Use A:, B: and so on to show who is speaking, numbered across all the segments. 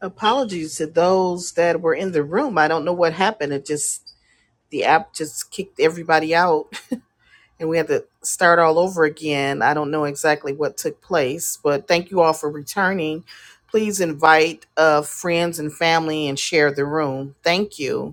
A: Apologies to those that were in the room. I don't know what happened. It just the app just kicked everybody out and we had to start all over again. I don't know exactly what took place, but thank you all for returning. Please invite uh, friends and family and share the room. Thank you.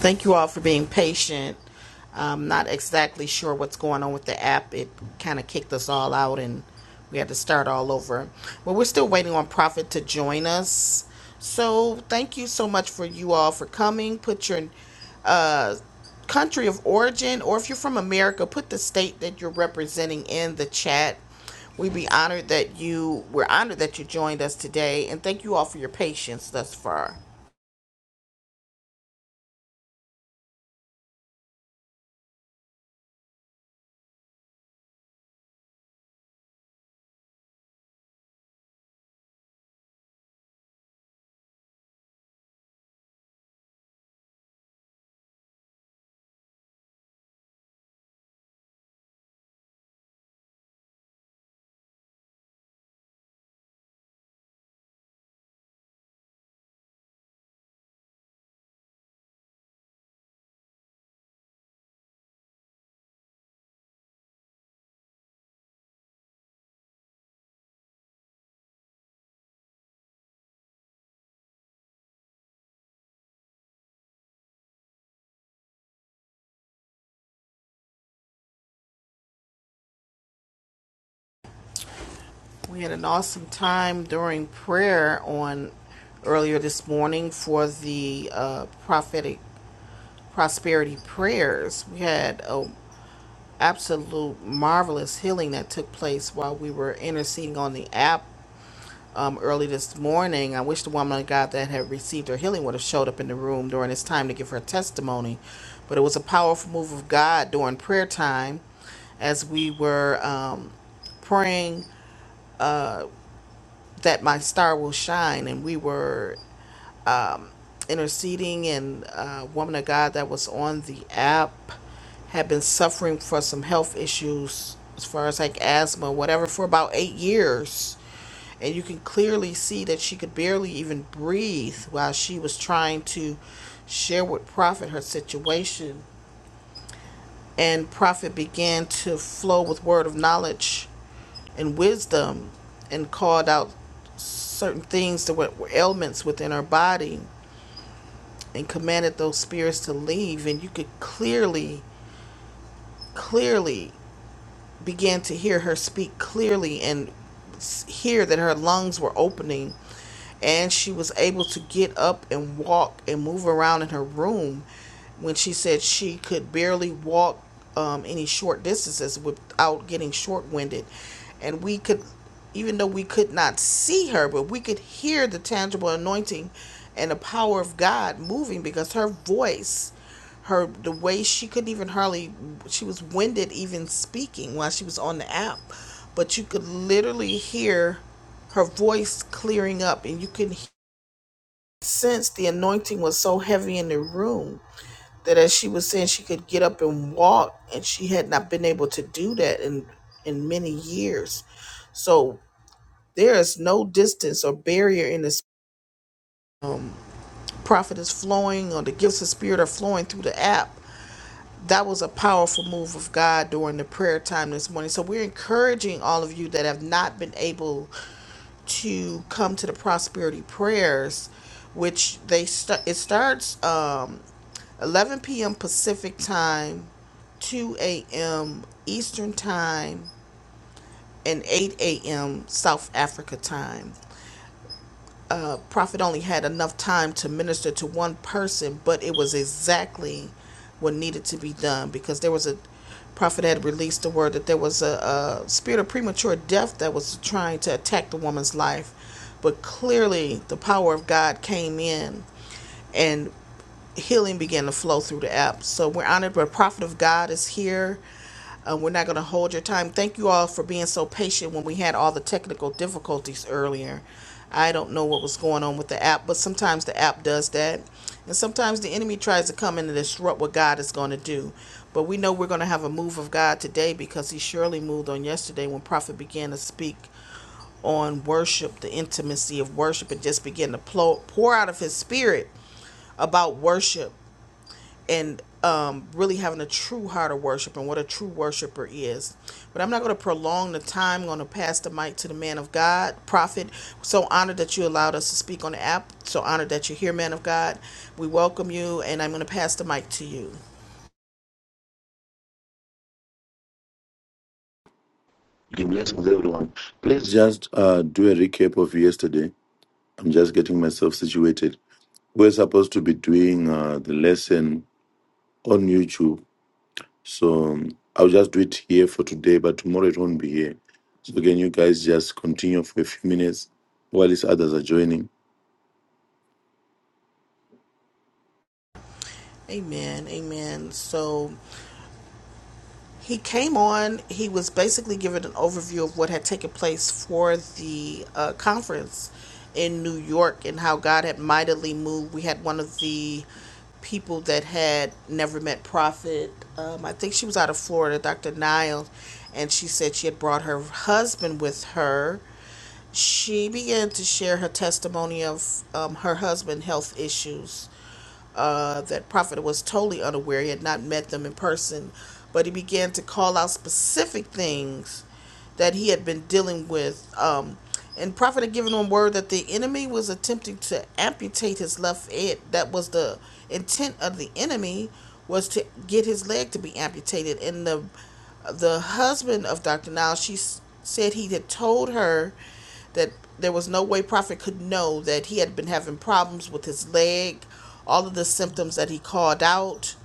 A: Thank you all for being patient. I'm not exactly sure what's going on with the app. It kind of kicked us all out and we had to start all over. But we're still waiting on Prophet to join us. So thank you so much for you all for coming. Put your uh, country of origin, or if you're from America, put the state that you're representing in the chat. We'd be honored that you we're honored that you joined us today and thank you all for your patience thus far. We had an awesome time during prayer on earlier this morning for the uh, prophetic prosperity prayers. We had a absolute marvelous healing that took place while we were interceding on the app um, early this morning. I wish the woman of God that had received her healing would have showed up in the room during this time to give her testimony. But it was a powerful move of God during prayer time as we were um, praying. that my star will shine and we were interceding and a woman of god that was on the app had been suffering for some health issues as far as like asthma whatever for about eight years and you can clearly see that she could barely even breathe while she was trying to share with prophet her situation and prophet began to flow with word of knowledge and wisdom and called out certain things that were, ailments within our body and commanded those spirits to leave and you could clearly clearly began to hear her speak clearly and s- hear that her lungs were opening and she was able to get up and walk and move around in her room when she said she could barely walk um, any short distances without getting short-winded and we could even though we could not see her but we could hear the tangible anointing and the power of god moving because her voice her the way she couldn't even hardly she was winded even speaking while she was on the app but you could literally hear her voice clearing up and you could sense the anointing was so heavy in the room that as she was saying she could get up and walk and she had not been able to do that in in many years so there is no distance or barrier in this prophet is flowing or the gifts of spirit are flowing through the app that was a powerful move of God during the prayer time this morning. So we're encouraging all of you that have not been able to come to the prosperity prayers, which they start. It starts um, 11 p.m. Pacific time, 2 a.m. Eastern time, and 8 a.m. South Africa time uh, prophet only had enough time to minister to one person, but it was exactly what needed to be done because there was a prophet had released the word that there was a, a spirit of premature death that was trying to attack the woman's life, but clearly the power of God came in and healing began to flow through the app. So we're honored, but Prophet of God is here. Uh, we're not going to hold your time. Thank you all for being so patient when we had all the technical difficulties earlier. I don't know what was going on with the app, but sometimes the app does that. And sometimes the enemy tries to come in and disrupt what God is going to do. But we know we're going to have a move of God today because he surely moved on yesterday when Prophet began to speak on worship, the intimacy of worship, and just began to pour out of his spirit about worship and um, really having a true heart of worship and what a true worshiper is. But I'm not going to prolong the time. I'm going to pass the mic to the man of God, prophet. So honored that you allowed us to speak on the app. So honored that you're here, man of God. We welcome you, and I'm going to pass the mic to you.
B: Be blessed with everyone. Please just uh, do a recap of yesterday. I'm just getting myself situated. We're supposed to be doing uh, the lesson on YouTube. So um, I'll just do it here for today, but tomorrow it won't be here. So can you guys just continue for a few minutes while these others are joining?
A: Amen. Amen. So. He came on, he was basically given an overview of what had taken place for the uh, conference in New York and how God had mightily moved. We had one of the people that had never met Prophet. Um, I think she was out of Florida, Dr. Niles, and she said she had brought her husband with her she began to share her testimony of um, her husband' health issues. Uh, that Prophet was totally unaware. He had not met them in person, but he began to call out specific things that he had been dealing with. Um, and Prophet had given him word that the enemy was attempting to amputate his left leg. That was the intent of the enemy was to get his leg to be amputated. And the the husband of Dr. Niles, she s- said he had told her that there was no way Prophet could know that he had been having problems with his leg, all of the symptoms that he called out.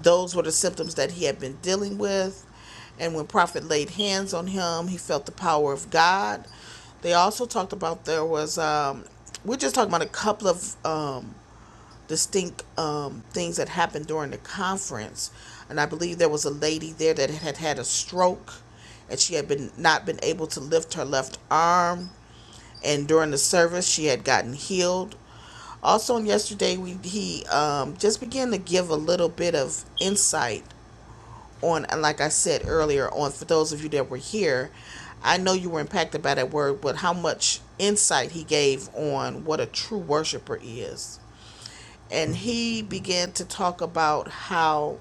A: Those were the symptoms that he had been dealing with. And when Prophet laid hands on him, he felt the power of God. They also talked about there was, um, we're just talking about a couple of um, distinct um, things that happened during the conference, and I believe there was a lady there that had had a stroke, and she had been not been able to lift her left arm, and during the service she had gotten healed. Also, on yesterday we he um, just began to give a little bit of insight on, and like I said earlier, on for those of you that were here, I know you were impacted by that word, but how much insight he gave on what a true worshiper is and he began to talk about how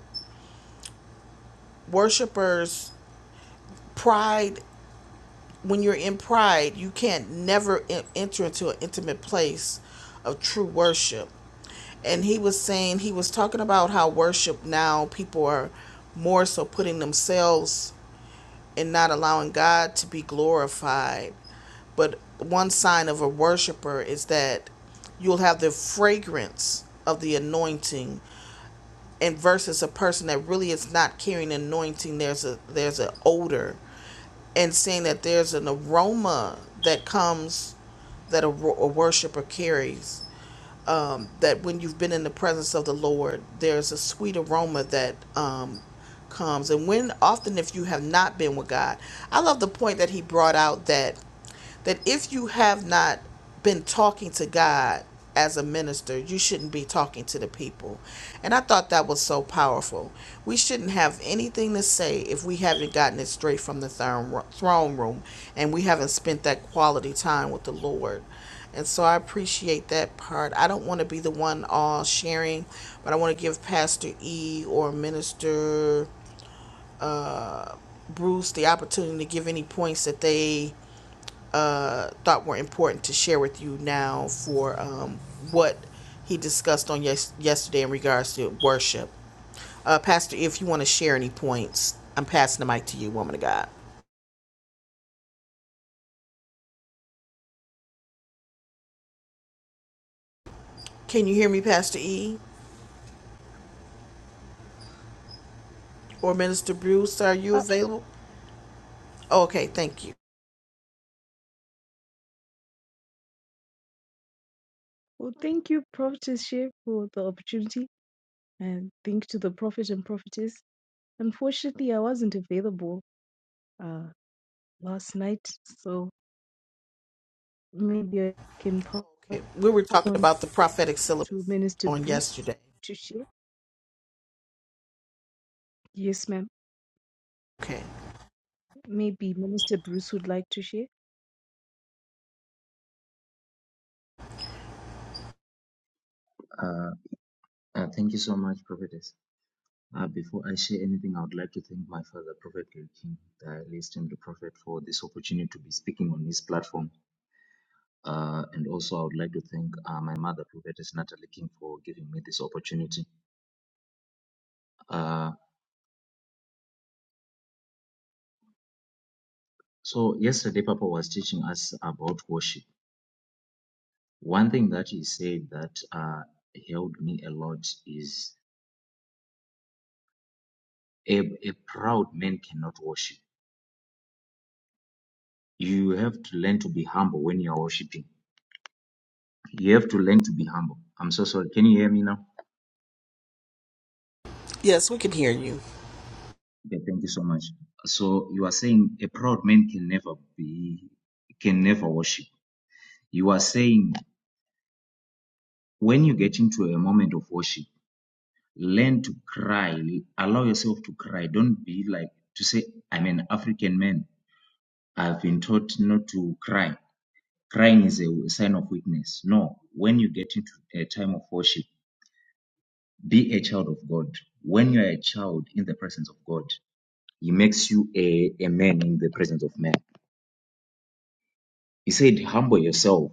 A: worshipers pride when you're in pride you can't never e, enter into an intimate place of true worship and he was saying he was talking about how worship now people are more so putting themselves and not allowing god to be glorified but one sign of a worshiper is that you'll have the fragrance of the anointing and versus a person that really is not carrying anointing there's a there's an odor and saying that there's an aroma that comes that a, a worshiper carries um, that when you've been in the presence of the lord there's a sweet aroma that um, comes and when often if you have not been with god i love the point that he brought out that that if you have not been talking to God as a minister, you shouldn't be talking to the people. And I thought that was so powerful. We shouldn't have anything to say if we haven't gotten it straight from the throne room and we haven't spent that quality time with the Lord. And so I appreciate that part. I don't want to be the one all sharing, but I want to give Pastor E or Minister uh, Bruce the opportunity to give any points that they uh, thought were important to share with you now for um, what he discussed on yes- yesterday in regards to worship. Uh, Pastor, E, if you want to share any points, I'm passing the mic to you, woman of God. Can you hear me, Pastor E or Minister Bruce? Are you
C: Uh,
A: available? Oh, okay, thank you.
C: well, thank you, Prophetess Shea, for the opportunity, and thank to the Prophet and Prophetess. Unfortunately, I wasn't available uh, last night, so maybe I can pass
A: Okay, we were talking
C: on
A: about the prophetic
C: to
A: syllabus
C: Minister
A: on
C: Bruce
A: yesterday.
C: to share. Yes, ma'am.
A: Okay.
C: Maybe Minister Bruce would like to share.
D: Uh, uh, thank you so much, Prophetess. Uh, before I share anything, I would like to thank my father, Prophet Gary King, the highest esteemed prophet, for this opportunity to be speaking on his platform. Uh, and also, I would like to thank uh, my mother, Prophetess Natalie King, for giving me this opportunity. Uh, so, yesterday, Papa was teaching us about worship. One thing that he said that uh, held me a lot is a, a proud man cannot worship. You have to learn to be humble when you are worshiping You have to learn to be humble. I'm so sorry. Can you hear me now?
A: Yes, we can hear you.
D: Okay, thank you so much. So you are saying a proud man can never be can never worship. You are saying when you get into a moment of worship, learn to cry, allow yourself to cry. Don't be like to say, I'm an African man. I've been taught not to cry. Crying is a sign of weakness. No, when you get into a time of worship, be a child of God. When you are a child in the presence of God, He makes you a, a man in the presence of men. He said, Humble yourself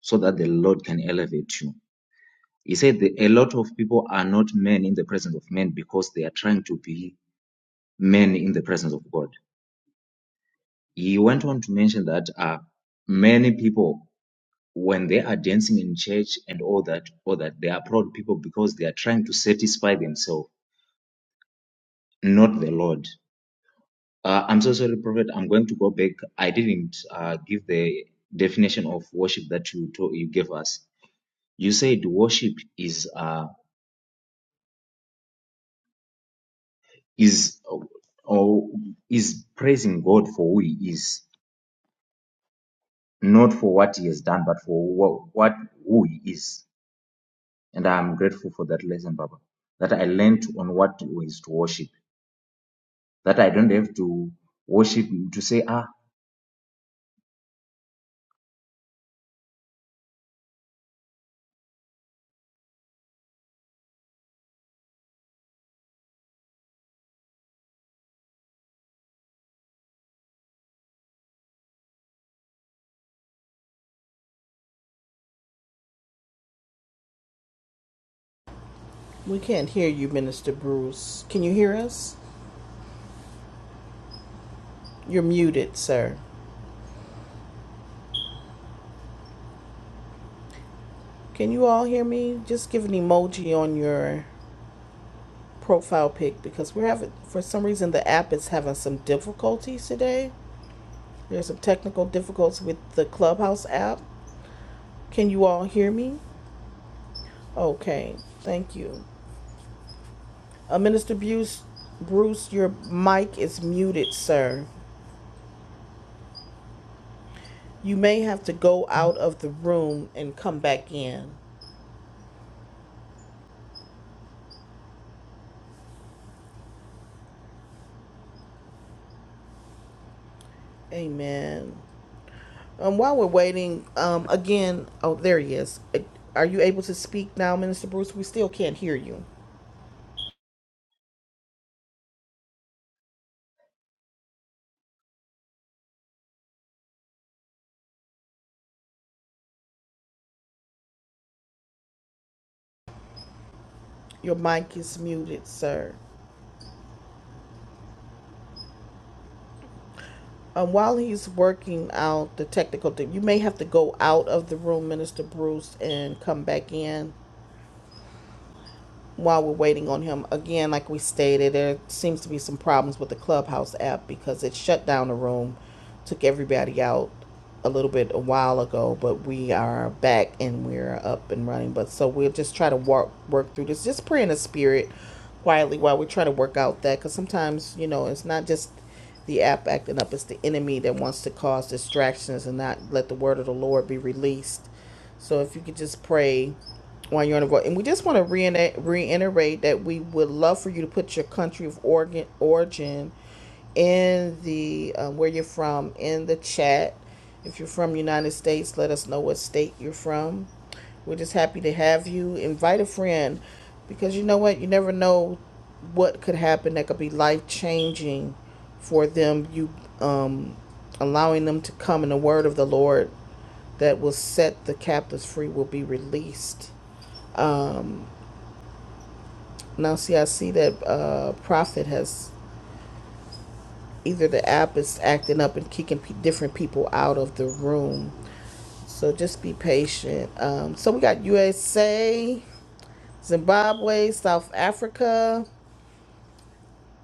D: so that the Lord can elevate you. He said that a lot of people are not men in the presence of men because they are trying to be men in the presence of God. He went on to mention that uh, many people, when they are dancing in church and all that, all that, they are proud people because they are trying to satisfy themselves, not the Lord. Uh, I'm so sorry, Prophet. I'm going to go back. I didn't uh, give the definition of worship that you to, you gave us. You said worship is uh, is uh, or is praising God for who He is, not for what He has done, but for wha- what who He is. And I'm grateful for that lesson, Baba. That I learned on what is to worship. That I don't have to worship to say, ah,
A: We can't hear you, Minister Bruce. Can you hear us? You're muted, sir. Can you all hear me? Just give an emoji on your profile pic because we're having, for some reason, the app is having some difficulties today. There's some technical difficulties with the Clubhouse app. Can you all hear me? Okay, thank you. Uh, Minister Bruce, Bruce, your mic is muted, sir. You may have to go out of the room and come back in. Amen. Um, while we're waiting, um, again, oh, there he is. Uh, Are you able to speak now, Minister Bruce? We still can't hear you. Your mic is muted, sir. Um, while he's working out the technical thing, you may have to go out of the room, Minister Bruce, and come back in. while we're waiting on him, again, like we stated, there seems to be some problems with the Clubhouse app because it shut down the room, took everybody out a little bit a while ago, but we are back and we're up and running. But so we'll just try to work work through this, just pray in the spirit quietly while we try to work out that because sometimes you know it's not just the app acting up; it's the enemy that wants to cause distractions and not let the word of the Lord be released. So if you could just pray while you're on the road. And we just want to reiterate, that we would love for you to put your country of origin, origin in the uh, where you're from in the chat. If you're from United States, let us know what state you're from. We're just happy to have you. Invite a friend because you know what? You never know what could happen that could be life changing for them. You um, allowing them to come in the word of the Lord that will set the captives free will be released um, now, see, I see that uh, Prophet has either the app is acting up and kicking p- different people out of the room. So just be patient. Um, so we got USA, Zimbabwe, South Africa.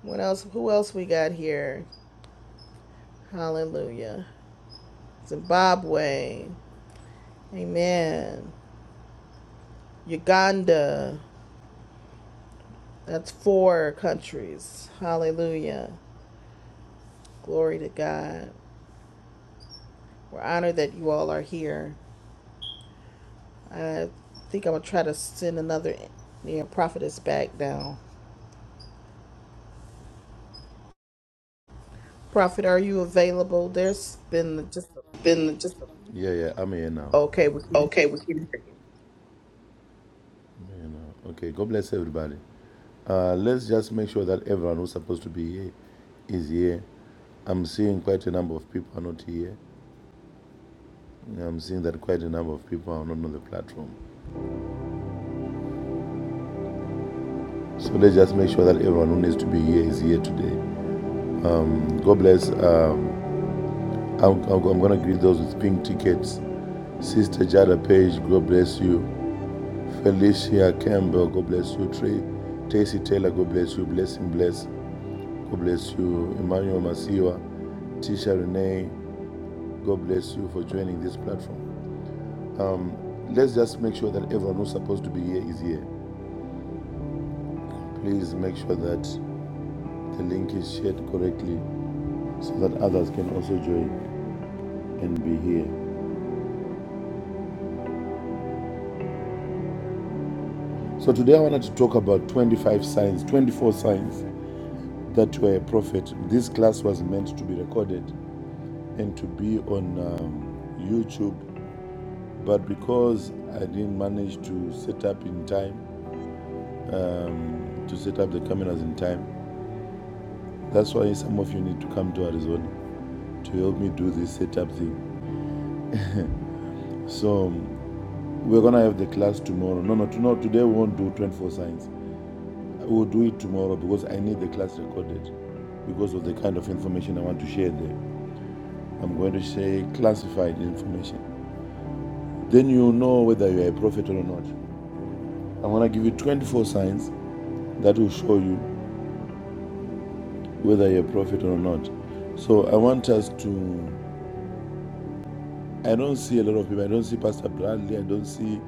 A: What else? Who else we got here? Hallelujah. Zimbabwe. Amen. Uganda. That's four countries. Hallelujah. Glory to God. We're honored that you all are here. I think I'm gonna try to send another. Yeah, Prophet is back down. Prophet, are you available? There's been just
B: Been just Yeah, yeah, I'm here now.
A: okay. We can
B: okay.
A: hear you.
B: We can hear you. I'm here now. Okay, God bless everybody. Uh, let's just make sure that everyone who's supposed to be here is here. I'm seeing quite a number of people are not here. I'm seeing that quite a number of people are not on the platform. So let's just make sure that everyone who needs to be here is here today. God bless. Um, I'm, I'm, going to greet those with pink tickets. Sister Jada Page, God bless you. Felicia Campbell, God bless you. Trey, Tracy Taylor, God bless you. Blessing, bless. God bless you. Emmanuel Masiwa, Tisha Renee, God bless you for joining this platform. Let's just make sure that everyone who's supposed to be here is here. Please make sure that the link is shared correctly so that others can also join and be here. So today I wanted to talk about 25 signs, 24 signs that you are a prophet. This class was meant to be recorded and to be on um, YouTube, but because I didn't manage to set up in time, to set up the cameras in time. That's why some of you need to come to Arizona to help me do this setup thing. So um, We're gonna have the class tomorrow. No, no, no. Today we won't do 24 signs. We'll do it tomorrow because I need the class recorded because of the kind of information I want to share there. I'm going to say classified information. Then you know whether you're a prophet or not. I'm gonna give you 24 signs that will show you whether you're a prophet or not. So I want us to. I don't see a lot of people. I don't see Pastor Bradley. I don't see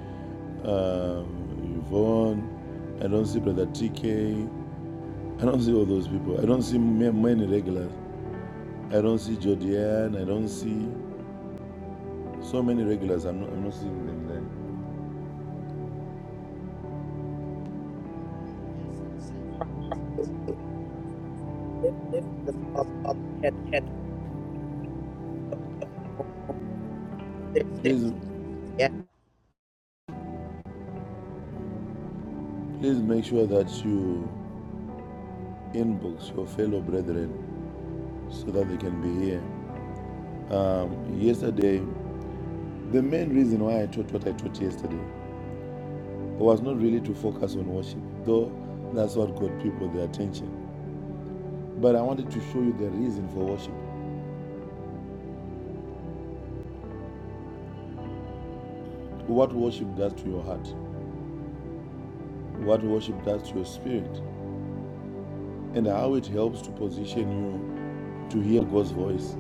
B: um, Yvonne. I don't see Brother TK. I don't see all those people. I don't see many regulars. I don't see Jodian. I don't see so many regulars. I'm not, I'm not seeing them
A: Uh, the app was having problems a little bit earlier. Prophet it literally
B: there.
A: kicked us all out, and we had to reboot. So I don't know. There's some
B: Please,
A: confusion with the app.
B: please make sure that you inbox your fellow brethren so that they can be here. Um, yesterday, the main reason why I taught what I taught yesterday was not really to focus on worship, though that's what got people their attention. But I wanted to show you the reason for worship, what worship does to your heart. what worship does to your spirit, and how it helps to position you to hear God's voice.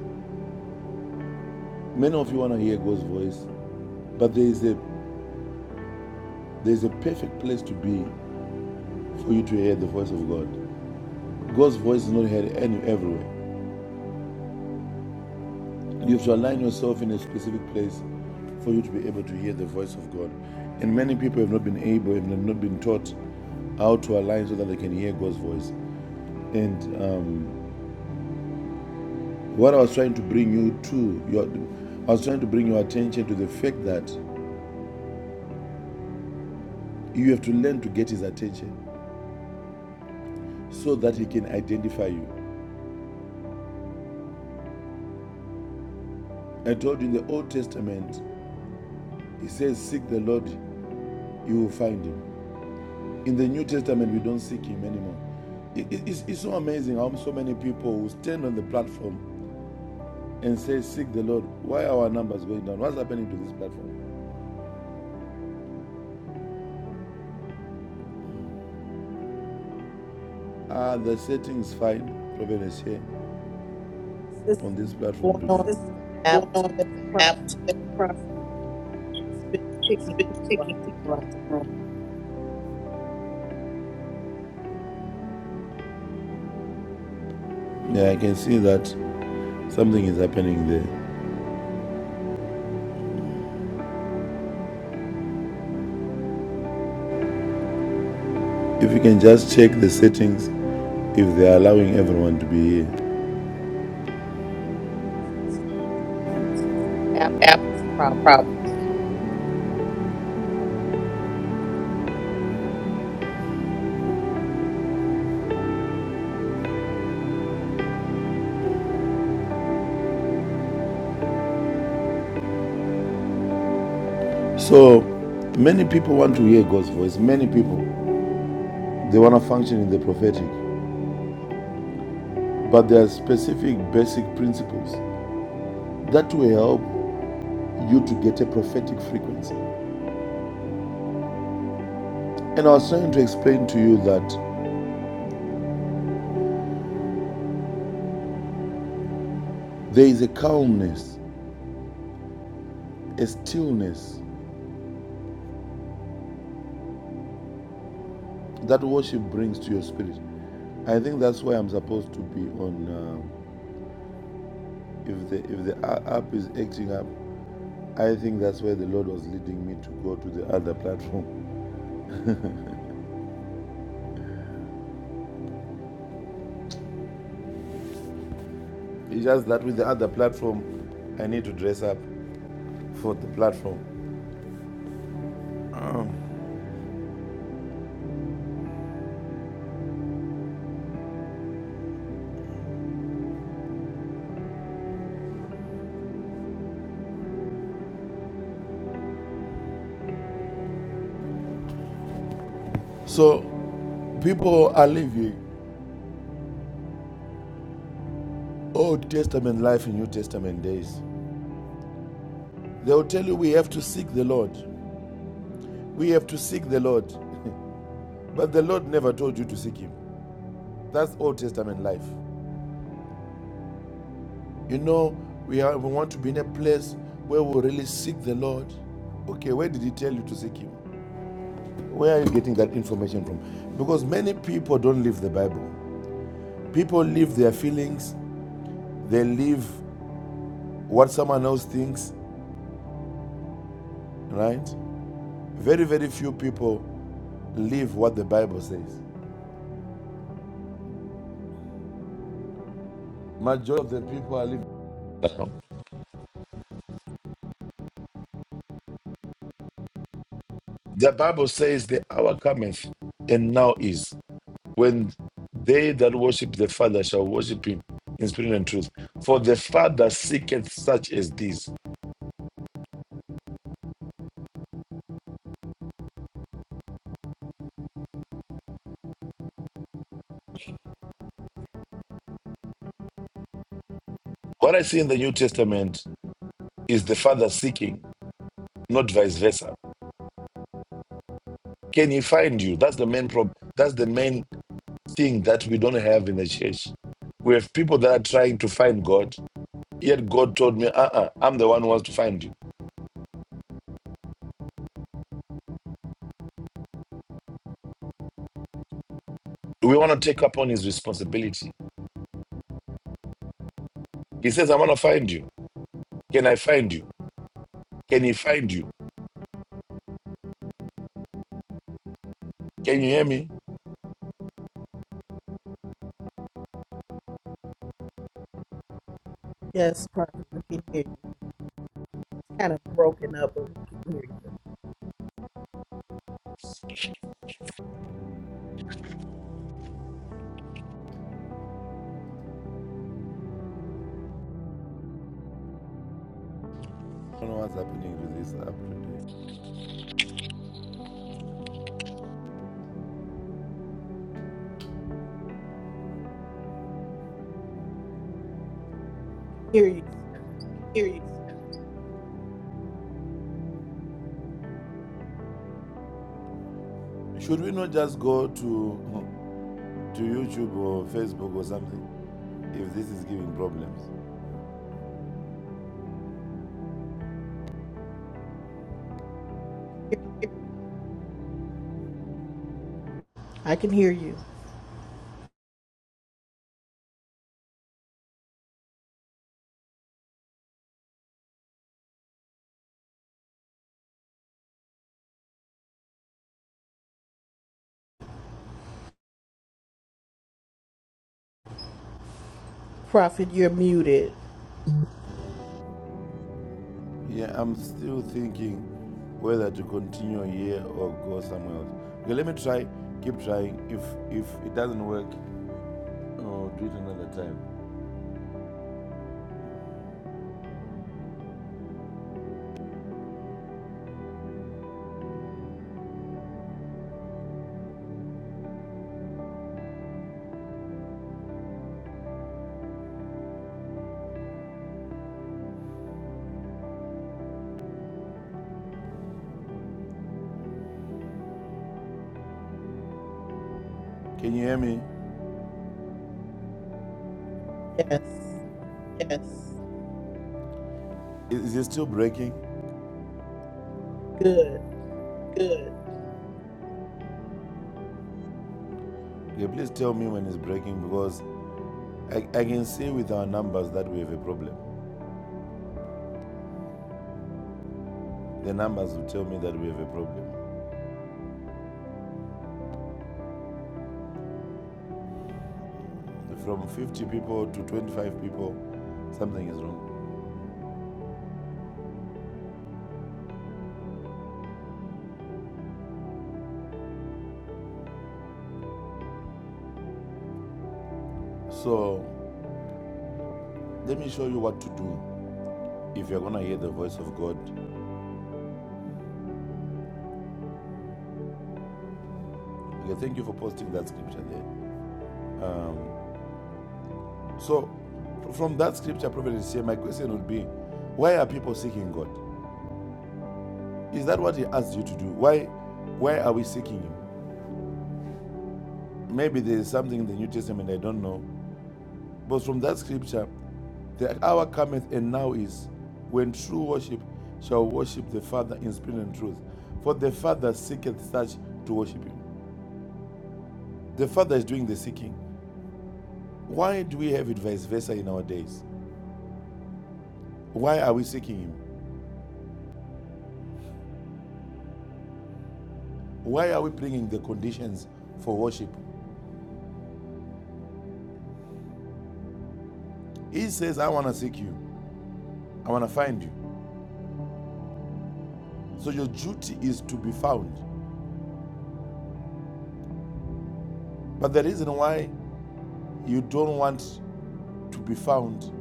B: Many of you want to hear God's voice, but there is a there's a perfect place to be for you to hear the voice of God. God's voice is not heard any everywhere. You have to align yourself in a specific place for you to be able to hear the voice of God. And many people have not been able, have not been taught how to align so that they can hear God's voice. And um, What I was trying to bring you to, your, I was trying to bring your attention to the fact that you have to learn to get his attention so that he can identify you. I told you in the Old Testament, he says, Seek the Lord, you will find him. In the New Testament, we don't seek him anymore. It- it- it's, it's so amazing how so many people who stand on the platform and say, Seek the Lord. Why are our numbers going down? What's happening to this platform? Ah, the settings fine. Providence here
A: Yes, there's
B: on this
A: something
B: platform
A: going
B: today.
A: on
B: This
A: with
B: is
A: the app today, Prophet. It's been kicking people out the room. No,
B: Yeah, I can see that something is happening there. If you can just check the settings if they're allowing everyone to be here.
A: it's not the settings. It's the app is having
B: App
A: problems.
B: problem. So many people want to hear God's voice. Many people they want to function in the prophetic, but there are specific basic principles that will help you to get a prophetic frequency. And I was trying to explain to you that there is a calmness, a stillness that worship brings to your spirit. I think that's why I'm supposed to be on. Uh, if the if the a- app is acting up, I think that's where the Lord was leading me to go to the other platform. It's just that with the other platform, I need to dress up for the platform. So people are living Old Testament life in New Testament days. They will tell you we have to seek the Lord. We have to seek the Lord. but the Lord never told you to seek him. That's Old Testament life. You know, we, are, we want to be in a place where we really seek the Lord. Okay, where did He tell you to seek Him? Where are you getting that information from? Because many people don't live the Bible. People live their feelings, they live what someone else thinks, right? Very, very few people live what the Bible says. Majority of the people are living. The Bible says the hour cometh and now is. when they that worship the Father shall worship him in spirit and truth. For the Father seeketh such as these. What I see in the New Testament is the Father seeking, not vice versa. Can he find you? That's the main problem. That's the main thing that we don't have in the church. We have people that are trying to find God, yet God told me, uh uh i am the one who wants to find you. We want to take up on his responsibility. He says, I want to find you. Can I find you? Can he find you? Can you hear me?
A: Yes, Prophet, we can hear you. It's kind of broken up, but we can hear you.
B: I don't know what's happening with this app
A: We can hear you.
B: today. hear Should we not just go to to YouTube or Facebook or something if this is giving problems?
A: We can hear you now. I can hear you. Prophet, you're muted.
B: Yeah, I'm still thinking whether to continue here or go somewhere else. Okay, let me try. Keep trying. If if it doesn't work, oh, do it another time. Can you hear me?
A: Yes,
B: Yes. Is, is it still breaking?
A: you're good.
B: Good. Okay, please tell me when it's breaking because I, I can see with our numbers that we have a problem. The numbers will tell me that we have a problem. From 50 people to 25 people, something is wrong. So let me show you what to do if you're going to hear the voice of God. Okay, thank you for posting that scripture there. Um, so from that scripture, Prophet Isaiah, my question would be, why are people seeking God? Is that what he asked you to do? Why, why are we seeking him? Maybe there is something in the New Testament I don't know But from that scripture, the hour cometh and now is when true worship shall worship the Father in spirit and truth. For the Father seeketh such to worship him. The Father is doing the seeking. Why do we have it vice versa in our days? Why are we seeking him? Why are we bringing the conditions for worship? He says, I want to seek you, I want to find you. So your duty is to be found. But the reason why you don't want to be found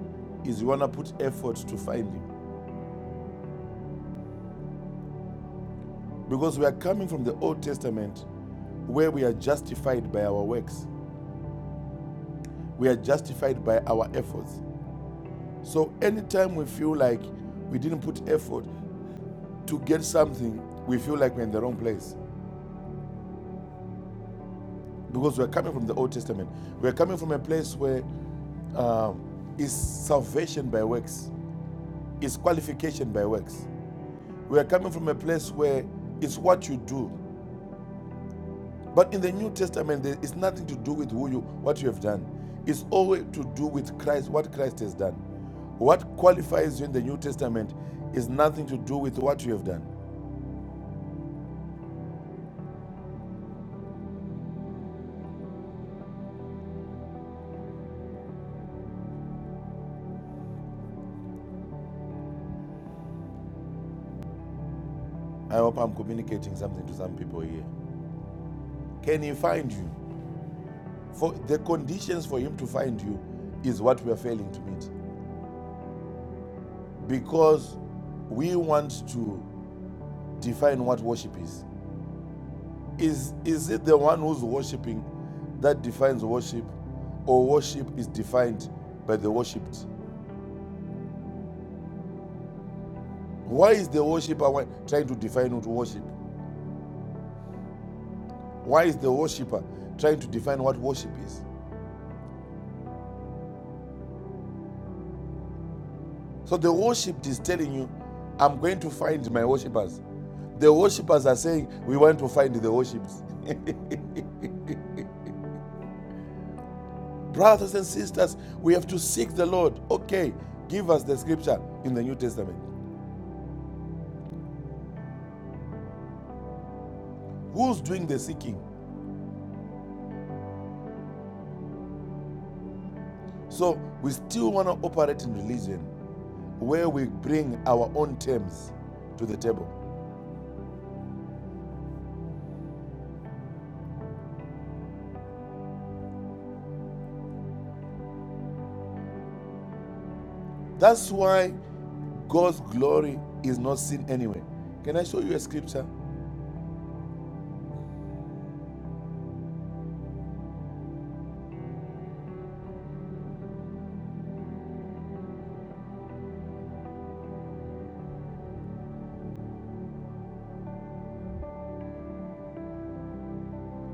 B: is you want to put effort to find him. Because we are coming from the Old Testament where we are justified by our works, we are justified by our efforts. So anytime we feel like we didn't put effort to get something, we feel like we're in the wrong place. Because we're coming from the Old Testament. We're coming from a place where um, is salvation by works, it's qualification by works. We are coming from a place where it's what you do But in the New Testament, there is nothing to do with who you, what you have done. It's always to do with Christ, what Christ has done. What qualifies you in the New Testament is nothing to do with what you have done. I hope I'm communicating something to some people here. Can he find you? For the conditions for him to find you is what we are failing to meet. Because we want to define what worship is. Is, is it the one who's worshipping that defines worship, or worship is defined by the worshipped? Why is the worshipper trying to define what worship? Why is the worshipper trying to define what worship is? So the worshipped is telling you, I'm going to find my worshippers. The worshippers are saying, We want to find the worshipped. Brothers and sisters, we have to seek the Lord. Okay, give us the scripture in the New Testament. Who's doing the seeking? So we still want to operate in religion where we bring our own terms to the table. That's why God's glory is not seen anywhere. Can I show you a scripture?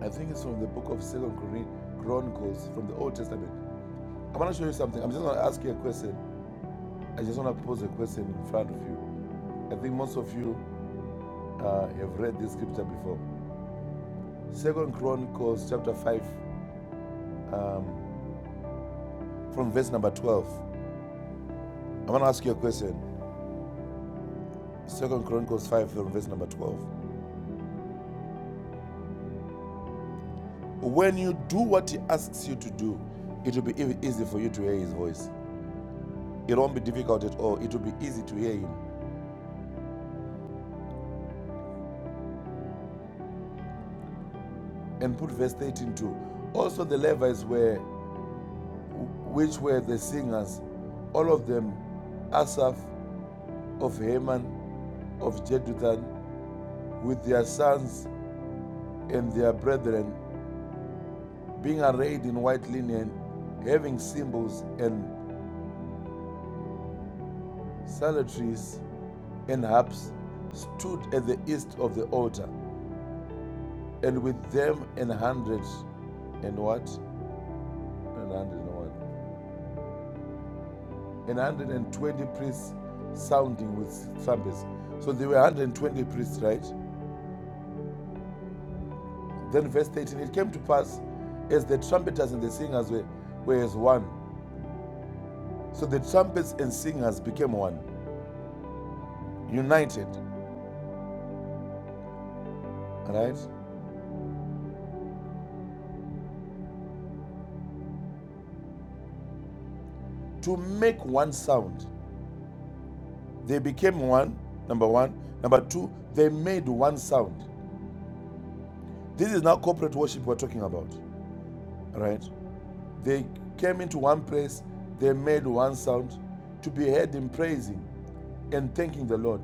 B: I think it's from the book of Second Chronicles from the Old Testament. I want to show you something. I'm just going to ask you a question. I just want to pose a question in front of you. I think most of you uh, have read this scripture before. Second Chronicles chapter 5 um, from verse number 12. I want to ask you a question. Second Chronicles 5 from verse number 12. When you do what he asks you to do, it will be e- easy for you to hear his voice. It won't be difficult at all. It will be easy to hear him. And put verse 13 too. Also the Levites were which were the singers, all of them, Asaph of Heman of Jeduthun, with their sons and their brethren, being arrayed in white linen, having cymbals and salutaries and harps stood at the east of the altar, and with them an hundred and what? An hundred and one. An hundred and twenty priests sounding with trumpets. So there were 120 priests, right? Then verse 13, it came to pass as the trumpeters and the singers were, were as one. So the trumpets and singers became one, united, right? To make one sound. They became one, number one. Number two, they made one sound. This is now corporate worship we're talking about, right? They came into one place, they made one sound to be heard in praising and thanking the Lord.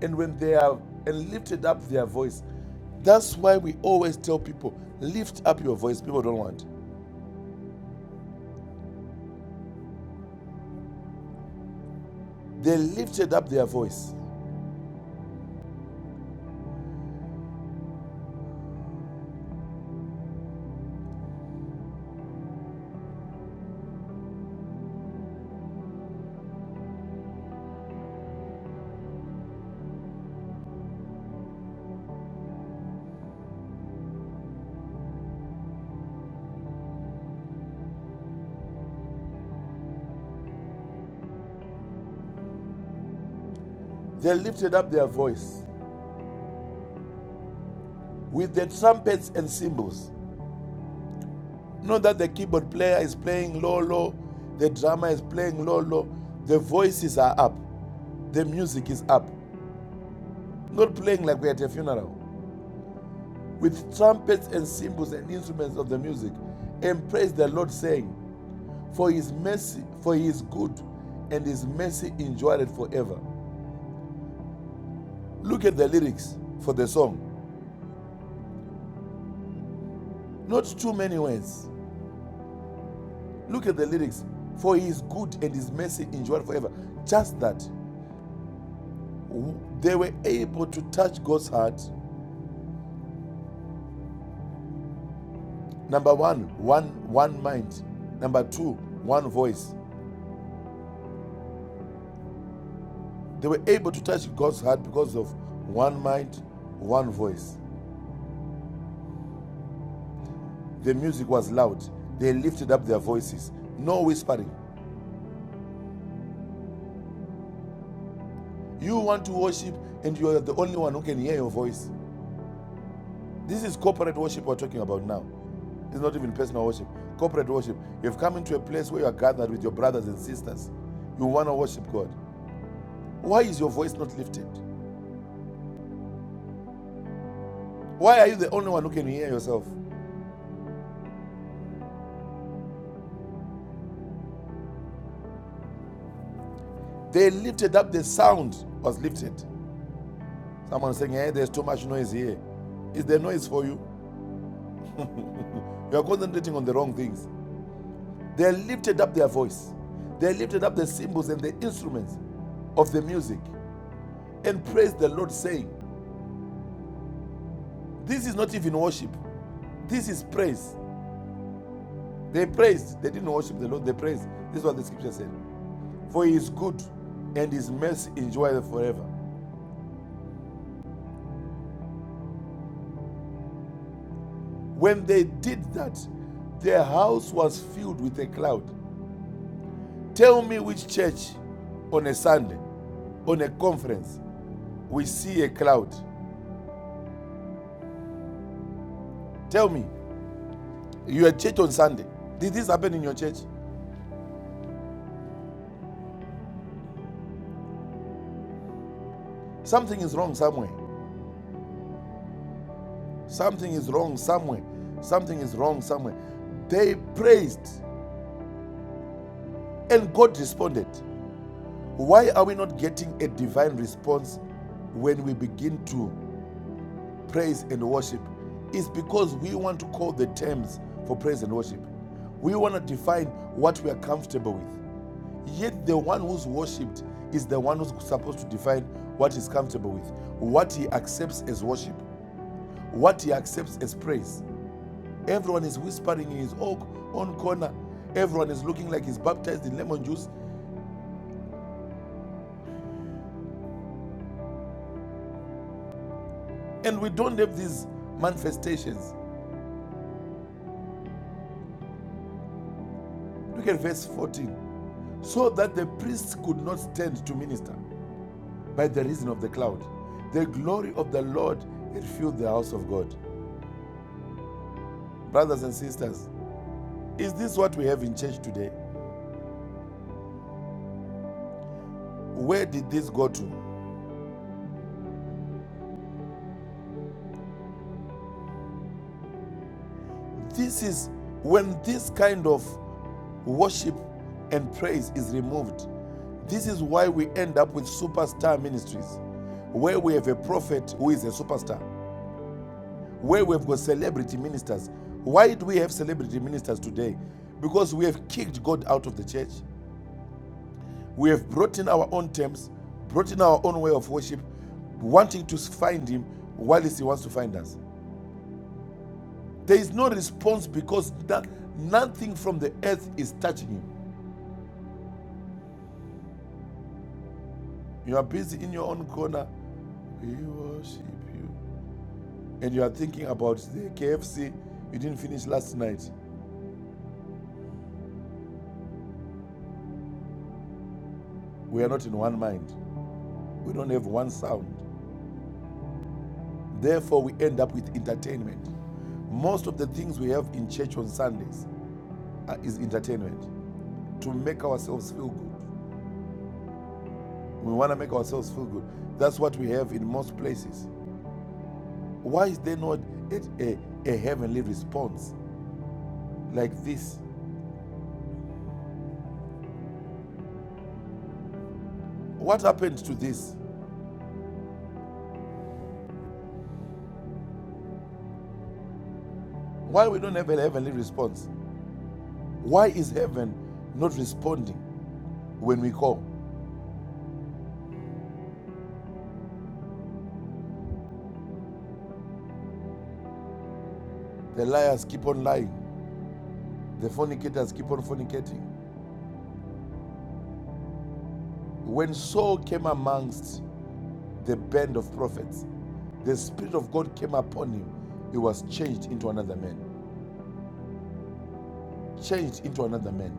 B: And when they are and lifted up their voice, that's why we always tell people, lift up your voice. People don't want. They lifted up their voice. They lifted up their voice with their trumpets and cymbals. Not that the keyboard player is playing low, low, the drummer is playing low, low, the voices are up. The music is up, not playing like we're at a funeral, with trumpets and cymbals and instruments of the music, and praise the Lord, saying, For his mercy, for he is good, and his mercy endureth forever. Look at the lyrics for the song. Not too many words. Look at the lyrics. For he is good and his mercy endureth forever. Just that. They were able to touch God's heart. Number one, one, one mind. Number two, one voice. They were able to touch God's heart because of one mind, one voice. The music was loud. They lifted up their voices. No whispering. You want to worship and you are the only one who can hear your voice. This is corporate worship we're talking about now. It's not even personal worship. Corporate worship. You've come into a place where you are gathered with your brothers and sisters. You want to worship God. Why is your voice not lifted? Why are you the only one who can hear yourself? They lifted up the sound was lifted. Someone saying, hey, there's too much noise here. Is there noise for you? You are concentrating on the wrong things. They lifted up their voice. They lifted up the cymbals and the instruments of the music and praised the Lord, saying, This is not even worship. This is praise. They praised. They didn't worship the Lord. They praised. This is what the scripture said. For he is good and his mercy endureth forever. When they did that, their house was filled with a cloud. Tell me which church on a Sunday on a conference, we see a cloud. Tell me, your church on Sunday, did this happen in your church? Something is wrong somewhere. Something is wrong somewhere. Something is wrong somewhere. They praised and God responded. Why are we not getting a divine response when we begin to praise and worship? It's because we want to call the terms for praise and worship. We want to define what we are comfortable with. Yet the one who's worshipped is the one who's supposed to define what he's comfortable with, what he accepts as worship, what he accepts as praise. Everyone is whispering in his own own corner. Everyone is looking like he's baptized in lemon juice. And we don't have these manifestations. Look at verse 14. So that the priests could not stand to minister by the reason of the cloud. The glory of the Lord had filled the house of God. Brothers and sisters, is this what we have in church today? Where did this go to? This is when this kind of worship and praise is removed. This is why we end up with superstar ministries, where we have a prophet who is a superstar, where we've got celebrity ministers. Why do we have celebrity ministers today? Because we have kicked God out of the church. We have brought in our own terms, brought in our own way of worship, wanting to find Him while He wants to find us. There is no response because that nothing from the earth is touching him. You are busy in your own corner. We worship you. And you are thinking about the KFC you didn't finish last night. We are not in one mind. We don't have one sound. Therefore, we end up with entertainment. Most of the things we have in church on Sundays are, is entertainment to make ourselves feel good. We want to make ourselves feel good. That's what we have in most places. Why is there not a, a, a heavenly response like this? What happened to this? Why we don't have a heavenly response? Why is heaven not responding when we call? The liars keep on lying. The fornicators keep on fornicating. When Saul came amongst the band of prophets, the Spirit of God came upon him. He was changed into another man. Changed into another man.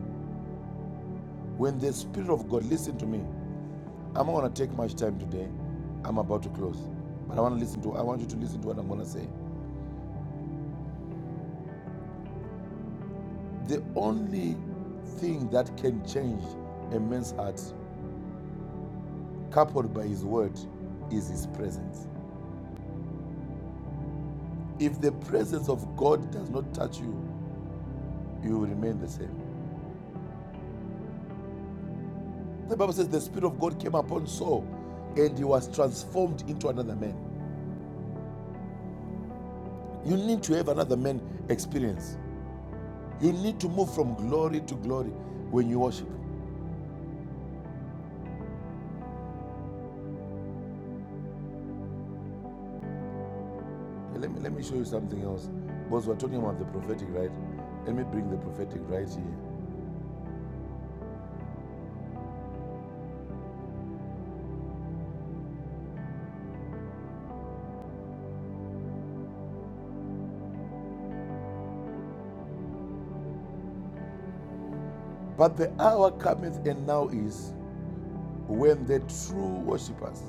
B: When the Spirit of God, listen to me, I'm not gonna take much time today. I'm about to close, but I want to listen to. I want you to listen to what I'm gonna say. The only thing that can change a man's heart, coupled by his word, is his presence. If the presence of God does not touch you, you will remain the same. The Bible says the Spirit of God came upon Saul, and he was transformed into another man. You need to have another man experience. You need to move from glory to glory when you worship. Let me, let me show you something else. Because we're talking about the prophetic, right? Let me bring the prophetic right here. But the hour cometh and now is when the true worshippers,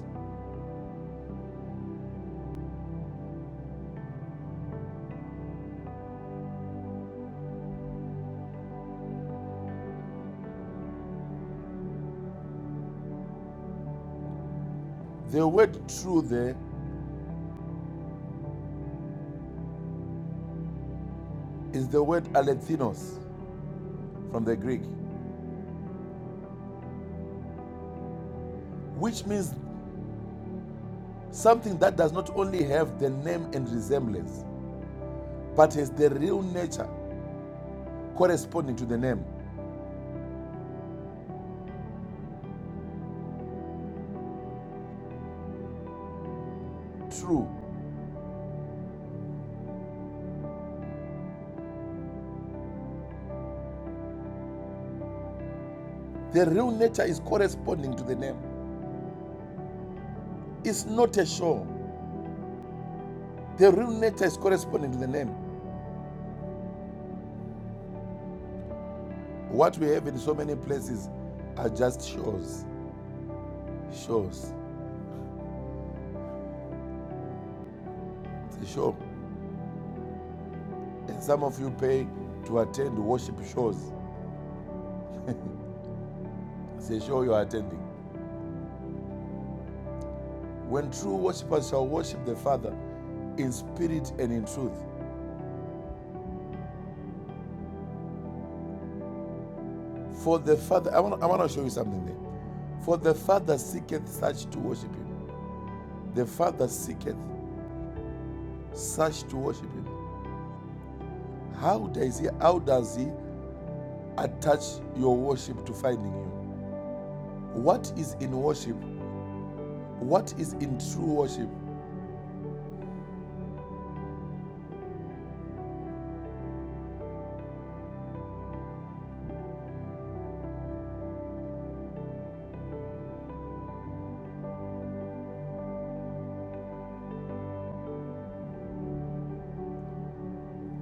B: the word true there is the word alethinos from the Greek, which means something that does not only have the name and resemblance, but has the real nature corresponding to the name. True. The real nature is corresponding to the name. It's not a show. The real nature is corresponding to the name. What we have in so many places are just shows. Shows. It's a show. And some of you pay to attend worship shows. It's a show you're attending. When true worshippers shall worship the Father in spirit and in truth. For the Father, I want, I want to show you something there. For the Father seeketh such to worship him. The Father seeketh such to worship him. How does he how does he attach your worship to finding you? What is in worship What is in true worship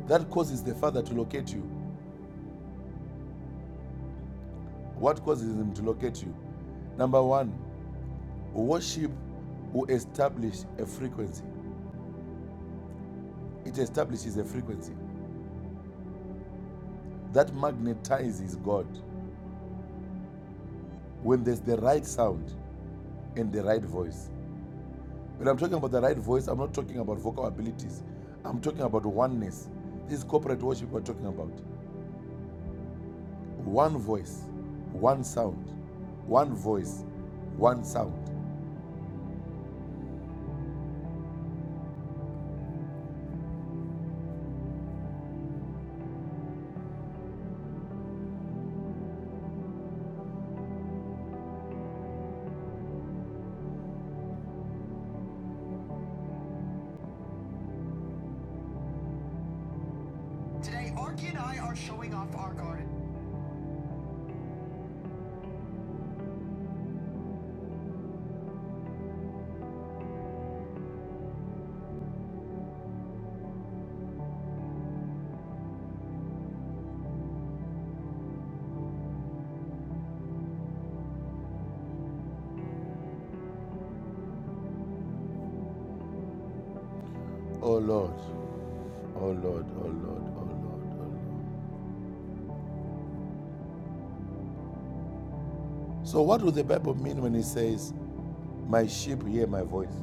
B: that causes the Father to locate you? What causes Him to locate you? Number one, worship will establish a frequency. It establishes a frequency that magnetizes God when there's the right sound and the right voice. When I'm talking about the right voice, I'm not talking about vocal abilities. I'm talking about oneness. This is corporate worship we're talking about. One voice, one sound. One voice, one sound. Today, Arky and I are showing off our garden. Oh Lord, oh Lord, oh Lord, oh Lord, oh Lord. So, what would the Bible mean when it says, My sheep hear my voice?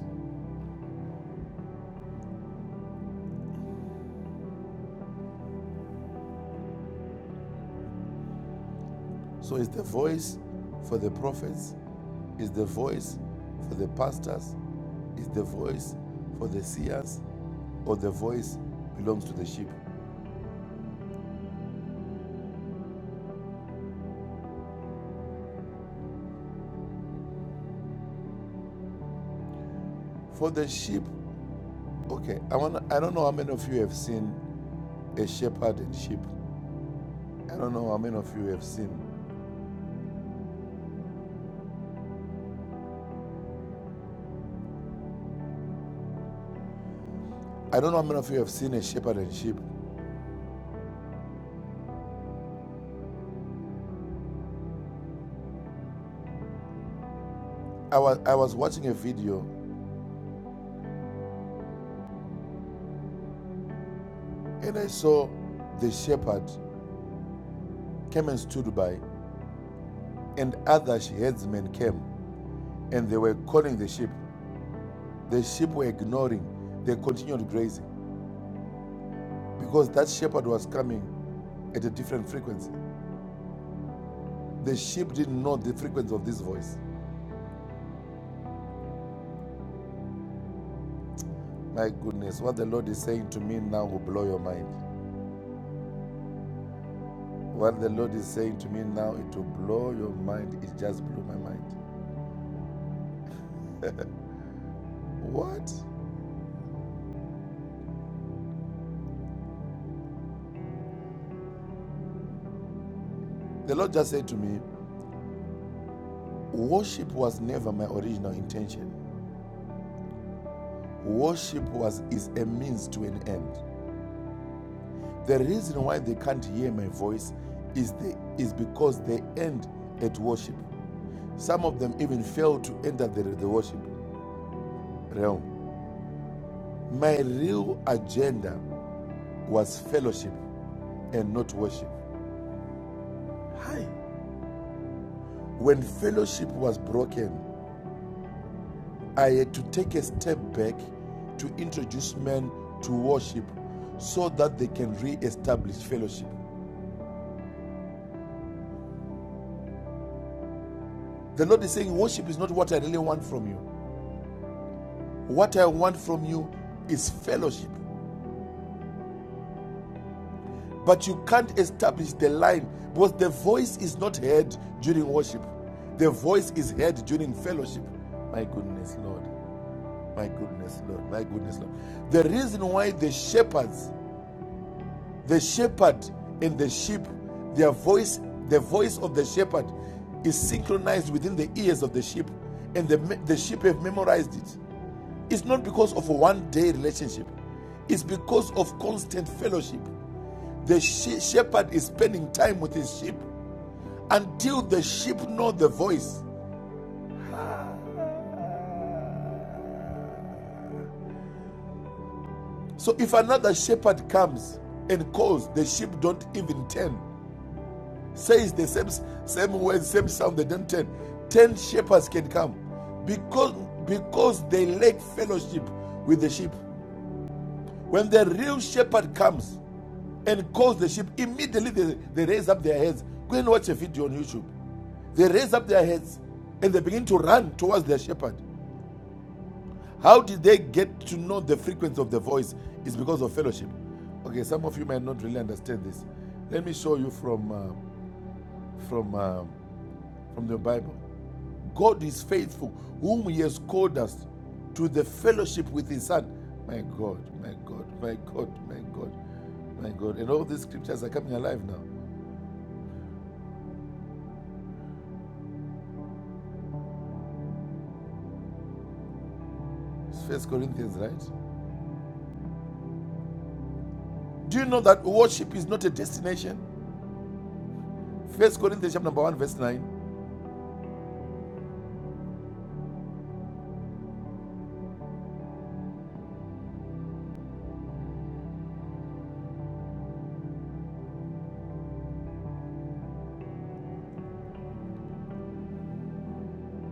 B: So, it's the voice for the prophets, it's the voice for the pastors, it's the voice for the seers, or the voice belongs to the sheep. For the sheep, okay, I, want I don't know how many of you have seen a shepherd and sheep. I don't know how many of you have seen. I don't know how many of you have seen a shepherd and sheep. I was I was watching a video and I saw the shepherd came and stood by and other she- herdsmen came and they were calling the sheep. The sheep were ignoring. They continued grazing because that shepherd was coming at a different frequency. The sheep didn't know the frequency of this voice. My goodness, what the Lord is saying to me now will blow your mind. What the Lord is saying to me now, it will blow your mind. It just blew my mind. What? The Lord just said to me, Worship was never my original intention. Worship was is a means to an end. The reason why they can't hear my voice is they, is because they end at worship. Some of them even fail to enter the, the worship realm. My real agenda was fellowship and not worship. Hi. When fellowship was broken, I had to take a step back to introduce men to worship so that they can re establish fellowship. The Lord is saying, Worship is not what I really want from you. What I want from you is fellowship. But you can't establish the line because the voice is not heard during worship, the voice is heard during fellowship. My goodness, Lord. My goodness, Lord. My goodness, Lord. The reason why the shepherds The shepherd and the sheep, their voice, the voice of the shepherd is synchronized within the ears of the sheep, and the, the sheep have memorized it. It's not because of a one day relationship, it's because of constant fellowship. The she- shepherd is spending time with his sheep until the sheep know the voice. So if another shepherd comes and calls, the sheep don't even turn says the same same word, same sound, they don't turn. Ten shepherds can come because because they lack fellowship with the sheep. When the real shepherd comes and calls the sheep, immediately they, they raise up their heads. Go and watch a video on YouTube. They raise up their heads and they begin to run towards their shepherd. How did they get to know the frequency of the voice? It's because of fellowship. Okay, some of you might not really understand this. Let me show you from uh, from uh, from the Bible. God is faithful, whom He has called us to the fellowship with His Son. My God, my God, my God, my God, my God. And all these scriptures are coming alive now. It's First Corinthians, right? Do you know that worship is not a destination? First Corinthians chapter number one, verse nine.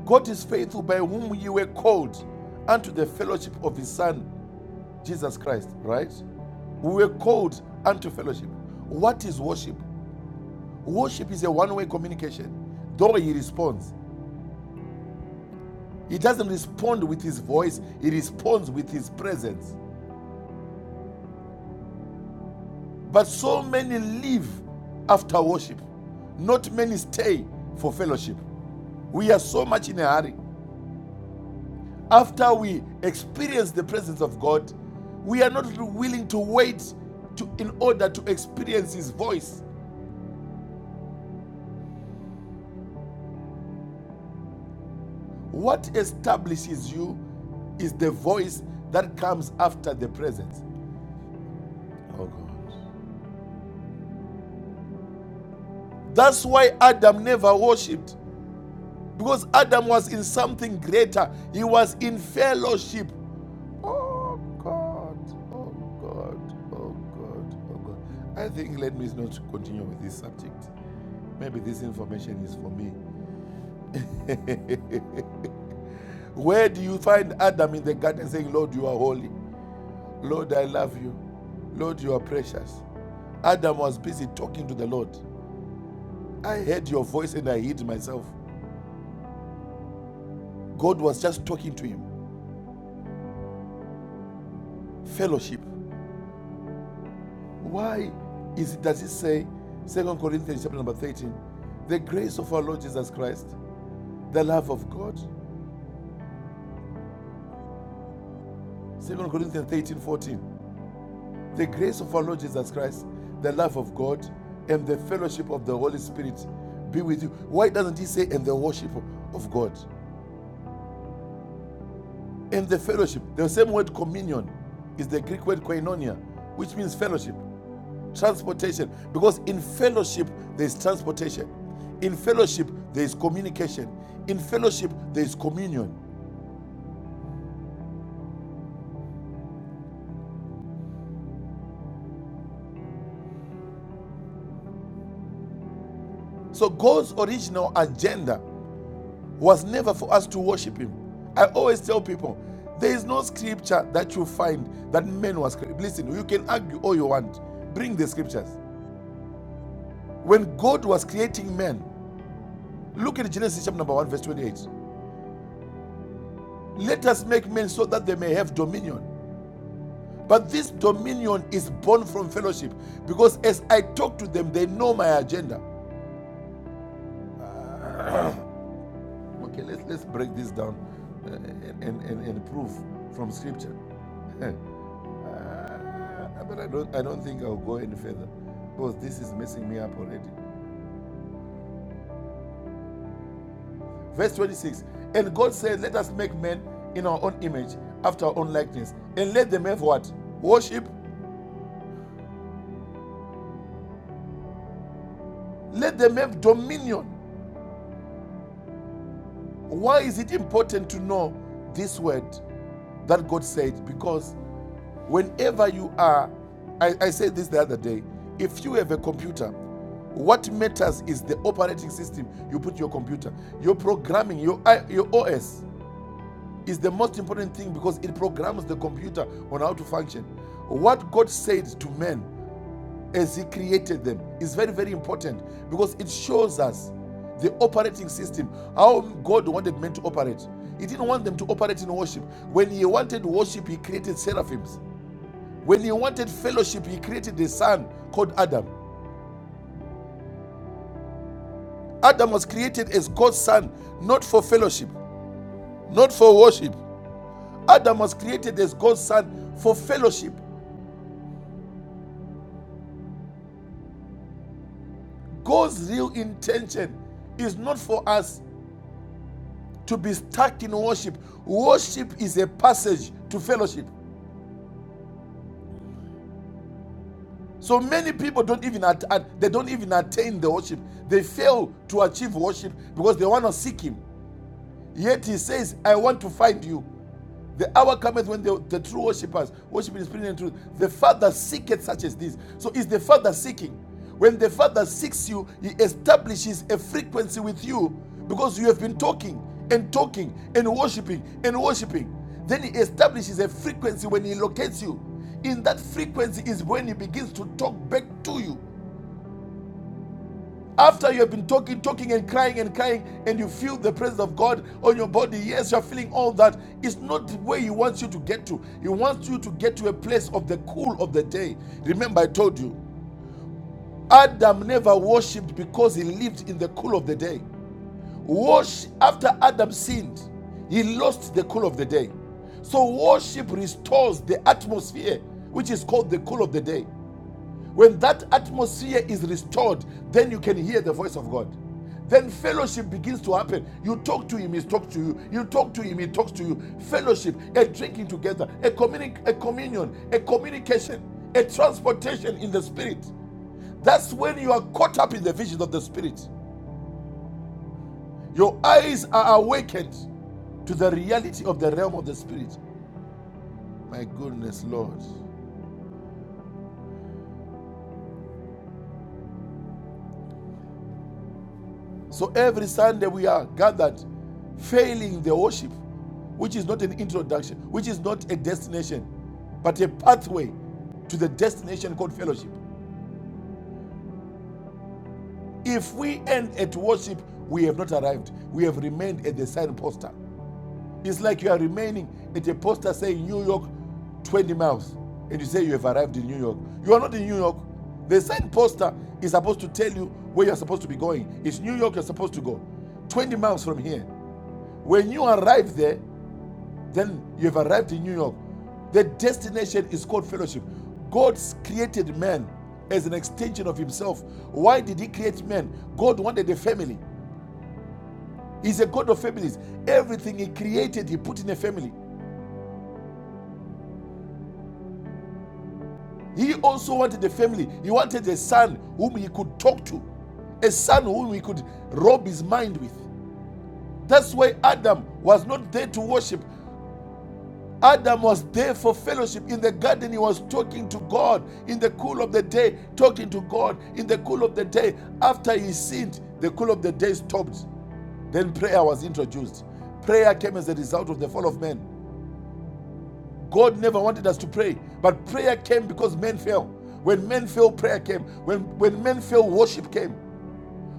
B: God is faithful by whom you were called unto the fellowship of His Son, Jesus Christ, right? We were called unto fellowship. What is worship? Worship is a one way communication, though He responds. He doesn't respond with his voice, he responds with his presence. But so many leave after worship, not many stay for fellowship. We are so much in a hurry. After we experience the presence of God, we are not willing to wait to, in order to experience his voice. What establishes you is the voice that comes after the presence. Oh God. That's why Adam never worshipped. Because Adam was in something greater, he was in fellowship. Oh God, oh God, oh God, oh God. I think let me not continue with this subject. Maybe this information is for me. Where do you find Adam in the garden saying, Lord, you are holy? Lord, I love you. Lord, you are precious. Adam was busy talking to the Lord. I heard your voice and I hid myself. God was just talking to him. Fellowship. Why is it, does it say, Second Corinthians chapter number 13, the grace of our Lord Jesus Christ, the love of God? Second Corinthians 13 14, the grace of our Lord Jesus Christ, the love of God, and the fellowship of the Holy Spirit be with you. Why doesn't he say, and the worship of God? And the fellowship, the same word communion is the Greek word koinonia, which means fellowship. transportation because in fellowship there's transportation in fellowship there's communication in fellowship there's communion so god's original agenda was never for us to worship him i always tell people there is no scripture that you find that man was cre- listen you can argue all you want bring the scriptures when god was creating man look at genesis chapter number 1 verse 28 let us make men so that they may have dominion But this dominion is born from fellowship because as I talk to them, they know my agenda. Okay, let's, let's break this down uh, and, and, and prove from scripture. Uh, but I don't, I don't think I'll go any further because this is messing me up already. Verse 26 And God said, Let us make men in our own image, after our own likeness, and let them have what? Worship. Let them have dominion Why is it important to know this word that God said? Because whenever you are, I, I said this the other day, if you have a computer, what matters is the operating system you put your computer. Your programming, your, your OS is the most important thing because it programs the computer on how to function. What God said to men as He created them is very, very important because it shows us the operating system, how God wanted men to operate. He didn't want them to operate in worship. When He wanted worship, He created seraphims. When He wanted fellowship, He created a son called Adam. Adam was created as God's son, not for fellowship, not for worship. Adam was created as God's son for fellowship. God's real intention is not for us to be stuck in worship. Worship is a passage to fellowship. So many people don't even at, at- they don't even attain the worship. They fail to achieve worship because they want to seek him. Yet he says, "I want to find you." The hour cometh when the, the true worshippers worship in spirit and truth. The Father seeketh such as these. So is the Father seeking. When the Father seeks you, He establishes a frequency with you because you have been talking and talking and worshiping and worshiping. Then He establishes a frequency when He locates you. In that frequency is when He begins to talk back to you. After you have been talking, talking, and crying and crying, and you feel the presence of God on your body, yes, you're feeling all that. It's not where He wants you to get to. He wants you to get to a place of the cool of the day. Remember, I told you, Adam never worshipped because he lived in the cool of the day. Worship after Adam sinned, he lost the cool of the day. So worship restores the atmosphere, which is called the cool of the day. When that atmosphere is restored, then you can hear the voice of God. Then fellowship begins to happen. You talk to him, he talks to you. You talk to him, he talks to you. Fellowship, a drinking together, a, communi- a communion, a communication, a transportation in the spirit. That's when you are caught up in the vision of the spirit. Your eyes are awakened to the reality of the realm of the spirit. My goodness, Lord. So every Sunday we are gathered, failing the worship, which is not an introduction, which is not a destination, but a pathway to the destination called fellowship. If we end at worship, we have not arrived. We have remained at the sign poster. It's like you are remaining at a poster saying New York 20 miles, and you say you have arrived in New York. You are not in New York. The sign poster is supposed to tell you where you're supposed to be going. It's New York you're supposed to go. 20 miles from here. When you arrive there, then you have arrived in New York. The destination is called fellowship. God created man as an extension of himself. Why did he create man? God wanted a family. He's a God of families. Everything he created, he put in a family. He also wanted a family. He wanted a son whom he could talk to, a son whom he could rob his mind with. That's why Adam was not there to worship. Adam was there for fellowship. In the garden, he was talking to God. In the cool of the day, talking to God. In the cool of the day, after he sinned, the cool of the day stopped. Then prayer was introduced. Prayer came as a result of the fall of man. God never wanted us to pray, but prayer came because men fell. When men fell, prayer came. When, when men fell, worship came.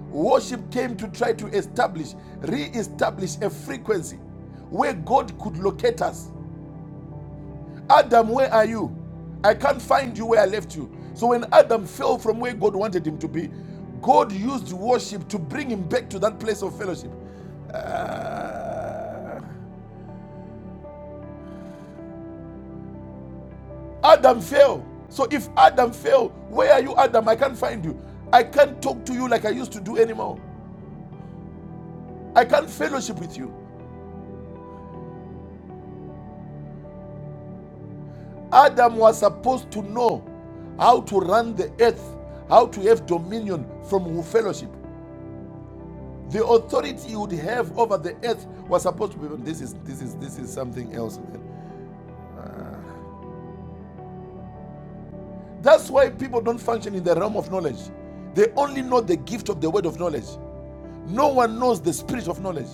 B: Worship came to try to establish, re establish a frequency where God could locate us. Adam, where are you? I can't find you where I left you. So when Adam fell from where God wanted him to be, God used worship to bring him back to that place of fellowship. Ah. Adam fell. So if Adam fell, where are you, Adam? I can't find you. I can't talk to you like I used to do anymore. I can't fellowship with you. Adam was supposed to know how to run the earth, how to have dominion from fellowship. The authority you would have over the earth was supposed to be. This is this is this is something else, man. Ah. That's why people don't function in the realm of knowledge. They only know the gift of the word of knowledge. No one knows the spirit of knowledge.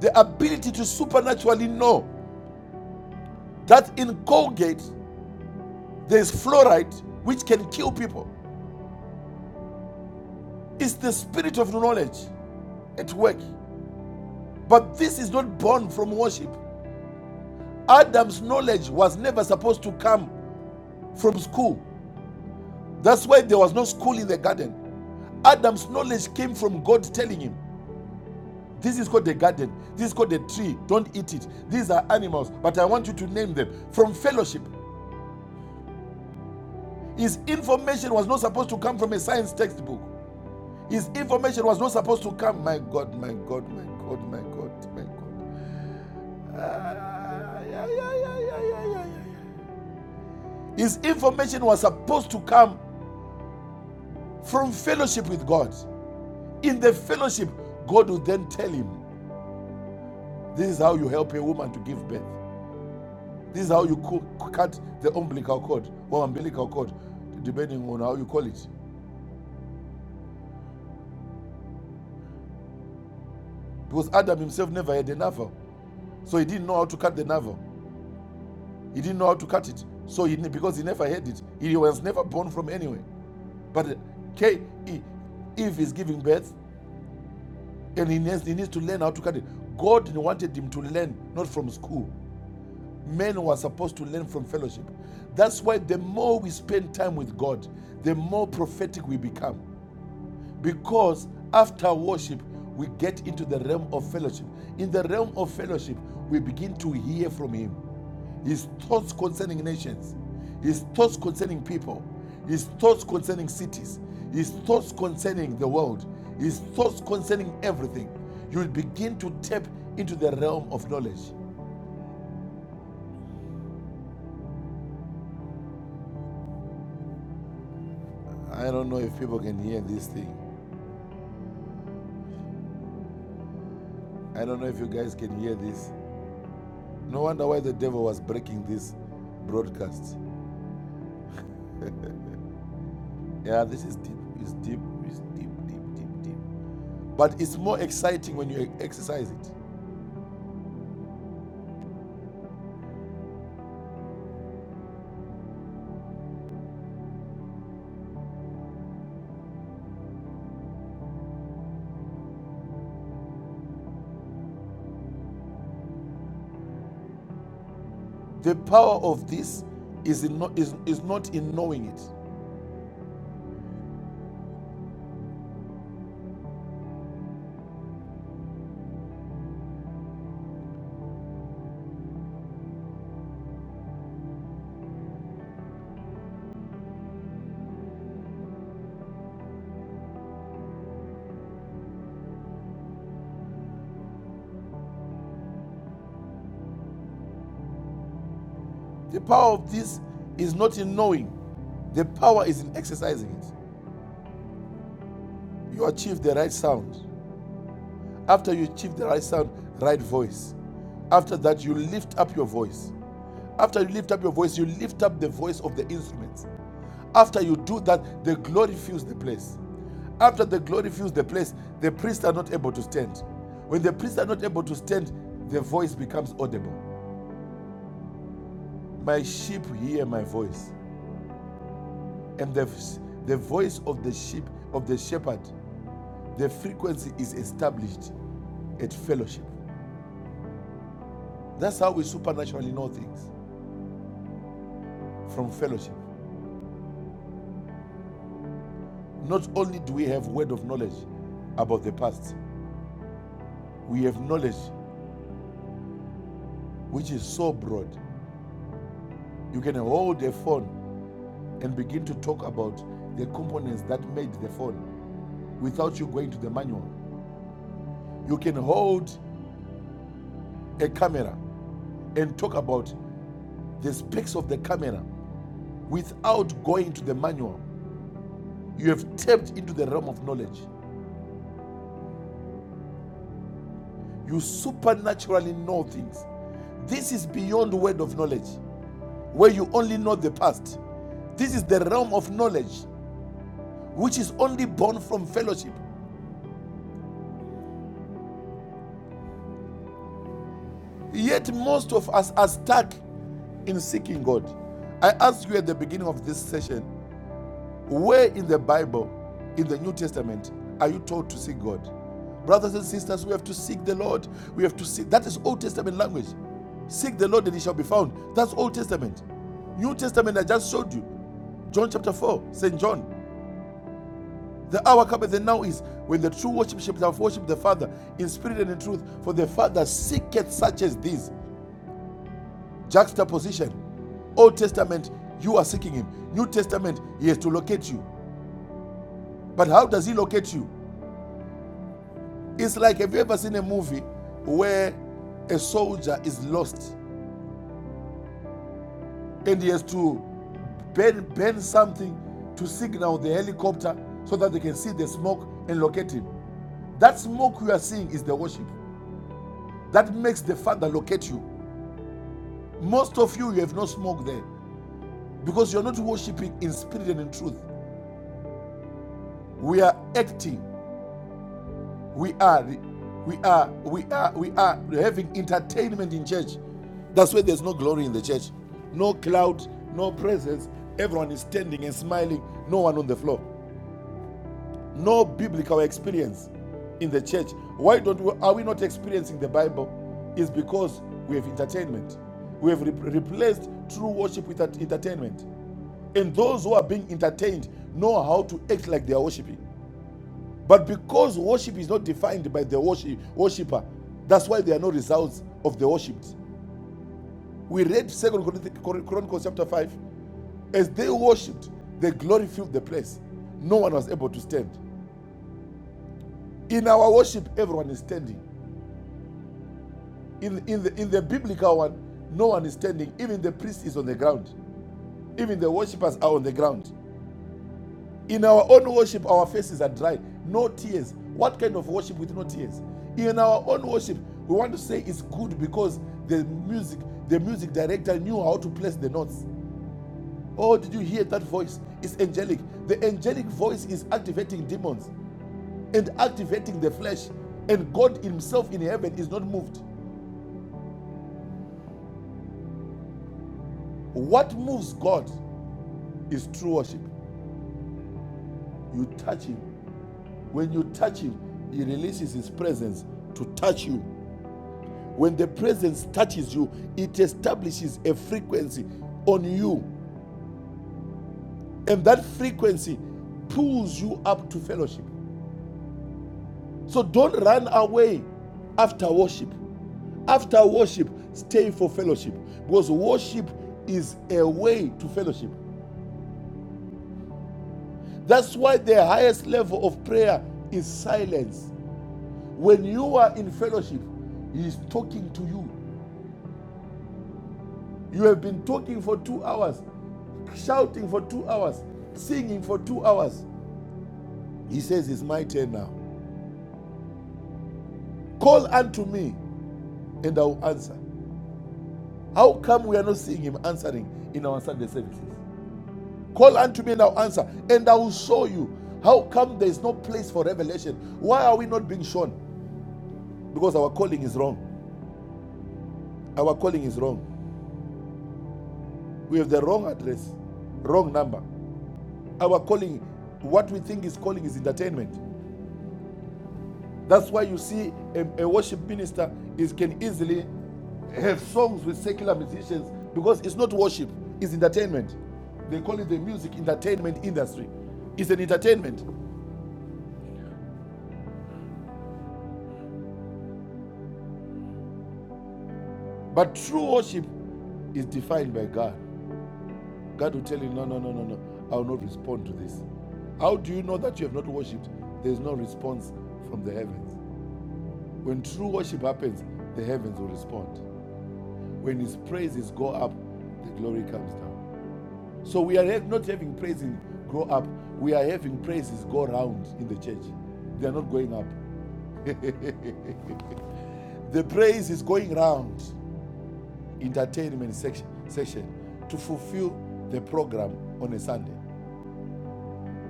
B: The ability to supernaturally know that in Colgate there is fluoride which can kill people. It's the spirit of knowledge at work. But this is not born from worship. Adam's knowledge was never supposed to come from school. That's why there was no school in the garden. Adam's knowledge came from God telling him, This is called the garden. This is called the tree. Don't eat it. These are animals, but I want you to name them. From fellowship. His information was not supposed to come from a science textbook. His information was not supposed to come. My God, my God, my God, my God, my God. Ah, yeah, yeah, yeah, yeah, yeah, yeah, yeah. His information was supposed to come from fellowship with God. In the fellowship, God would then tell him This is how you help a woman to give birth. This is how you cut the umbilical cord or umbilical cord, depending on how you call it. Because Adam himself never had a navel, so he didn't know how to cut the navel. He didn't know how to cut it, so he because he never had it, he was never born from anywhere. But uh, K- E- Eve is giving birth, and he needs, he needs to learn how to cut it. God wanted him to learn not from school. men were supposed to learn from fellowship. That's why the more we spend time with God, the more prophetic we become. Because after worship, we get into the realm of fellowship. In the realm of fellowship, we begin to hear from Him His thoughts concerning nations, His thoughts concerning people, His thoughts concerning cities, His thoughts concerning the world, His thoughts concerning everything. You will begin to tap into the realm of knowledge. I don't know if people can hear this thing. I don't know if you guys can hear this. No wonder why the devil was breaking this broadcast. Yeah, this is deep. It's deep. It's deep, deep, deep, deep. But it's more exciting when you exercise it. The power of this is, in no, is, is not in knowing it. The power of this is not in knowing. The power is in exercising it. You achieve the right sound. After you achieve the right sound, right voice. After that, you lift up your voice. After you lift up your voice, you lift up the voice of the instruments. After you do that, the glory fills the place. After the glory fills the place, the priests are not able to stand. When the priests are not able to stand, the voice becomes audible. My sheep hear my voice, and the, the voice of the sheep, of the shepherd, the frequency is established at fellowship. That's how we supernaturally know things from fellowship. Not only do we have word of knowledge about the past, we have knowledge which is so broad. You can hold a phone and begin to talk about the components that made the phone without you going to the manual. You can hold a camera and talk about the specs of the camera without going to the manual. You have tapped into the realm of knowledge. You supernaturally know things. This is beyond the word of knowledge, where you only know the past. This is the realm of knowledge, which is only born from fellowship Yet most of us are stuck in seeking God. I asked you at the beginning of this session, where in the Bible, in the New Testament, are you told to seek God? Brothers and sisters, we have to seek the Lord. We have to seek. That is Old Testament language. Seek the Lord and he shall be found. That's Old Testament. New Testament, I just showed you. John chapter 4, St. John. The hour cometh and now is when the true worship shall worship the Father in spirit and in truth. For the Father seeketh such as these Juxtaposition. Old Testament, you are seeking him. New Testament, he has to locate you. But how does he locate you? It's like have you ever seen a movie where a soldier is lost and he has to bend, bend something to signal the helicopter so that they can see the smoke and locate him. That smoke you are seeing is the worship. That makes the Father locate you. Most of you, you have no smoke there because you're not worshiping in spirit and in truth. We are acting We are, we are, we are, we are having entertainment in church. That's why there's no glory in the church. No cloud, no presence. Everyone is standing and smiling. No one on the floor. No biblical experience in the church. Why don't we, are we not experiencing the Bible? Is because we have entertainment. We have re- replaced true worship with entertainment. And those who are being entertained know how to act like they are worshiping. But because worship is not defined by the worship, worshiper, that's why there are no results of the worshipped. We read Second Chronicles chapter 5. As they worshipped, the glory filled the place. No one was able to stand. In our worship, everyone is standing. In, in, the, in the biblical one, no one is standing. Even the priest is on the ground. Even the worshippers are on the ground. In our own worship, our faces are dry, no tears. What kind of worship with no tears? In our own worship, we want to say it's good because the music, the music director knew how to place the notes. Oh, did you hear that voice? It's angelic. The angelic voice is activating demons and activating the flesh. And God Himself in heaven is not moved. What moves God is true worship. You touch Him. When you touch Him, He releases His presence to touch you When the presence touches you, it establishes a frequency on you, and that frequency pulls you up to fellowship. So don't run away after worship. After worship, stay for fellowship because worship is a way to fellowship. That's why the highest level of prayer is silence. When you are in fellowship, He is talking to you. You have been talking for two hours, shouting for two hours, singing for two hours. He says, It's my turn now. Call unto me and I will answer. How come we are not seeing him answering in our Sunday services? Call unto me and I'll answer, and I will show you. How come there is no place for revelation? Why are we not being shown? Because our calling is wrong. Our calling is wrong. We have the wrong address, wrong number. Our calling, what we think is calling, is entertainment. That's why you see a, a worship minister is can easily have songs with secular musicians because it's not worship, it's entertainment. They call it the music entertainment industry. It's an entertainment. But true worship is defined by God. God will tell you, no, no, no, no, no, I will not respond to this. How do you know that you have not worshipped? There is no response from the heavens. When true worship happens, the heavens will respond. When his praises go up, the glory comes down. So we are not having praises grow up. We are having praises go round in the church. They are not going up. the praise is going round entertainment section, section to fulfill the program on a Sunday.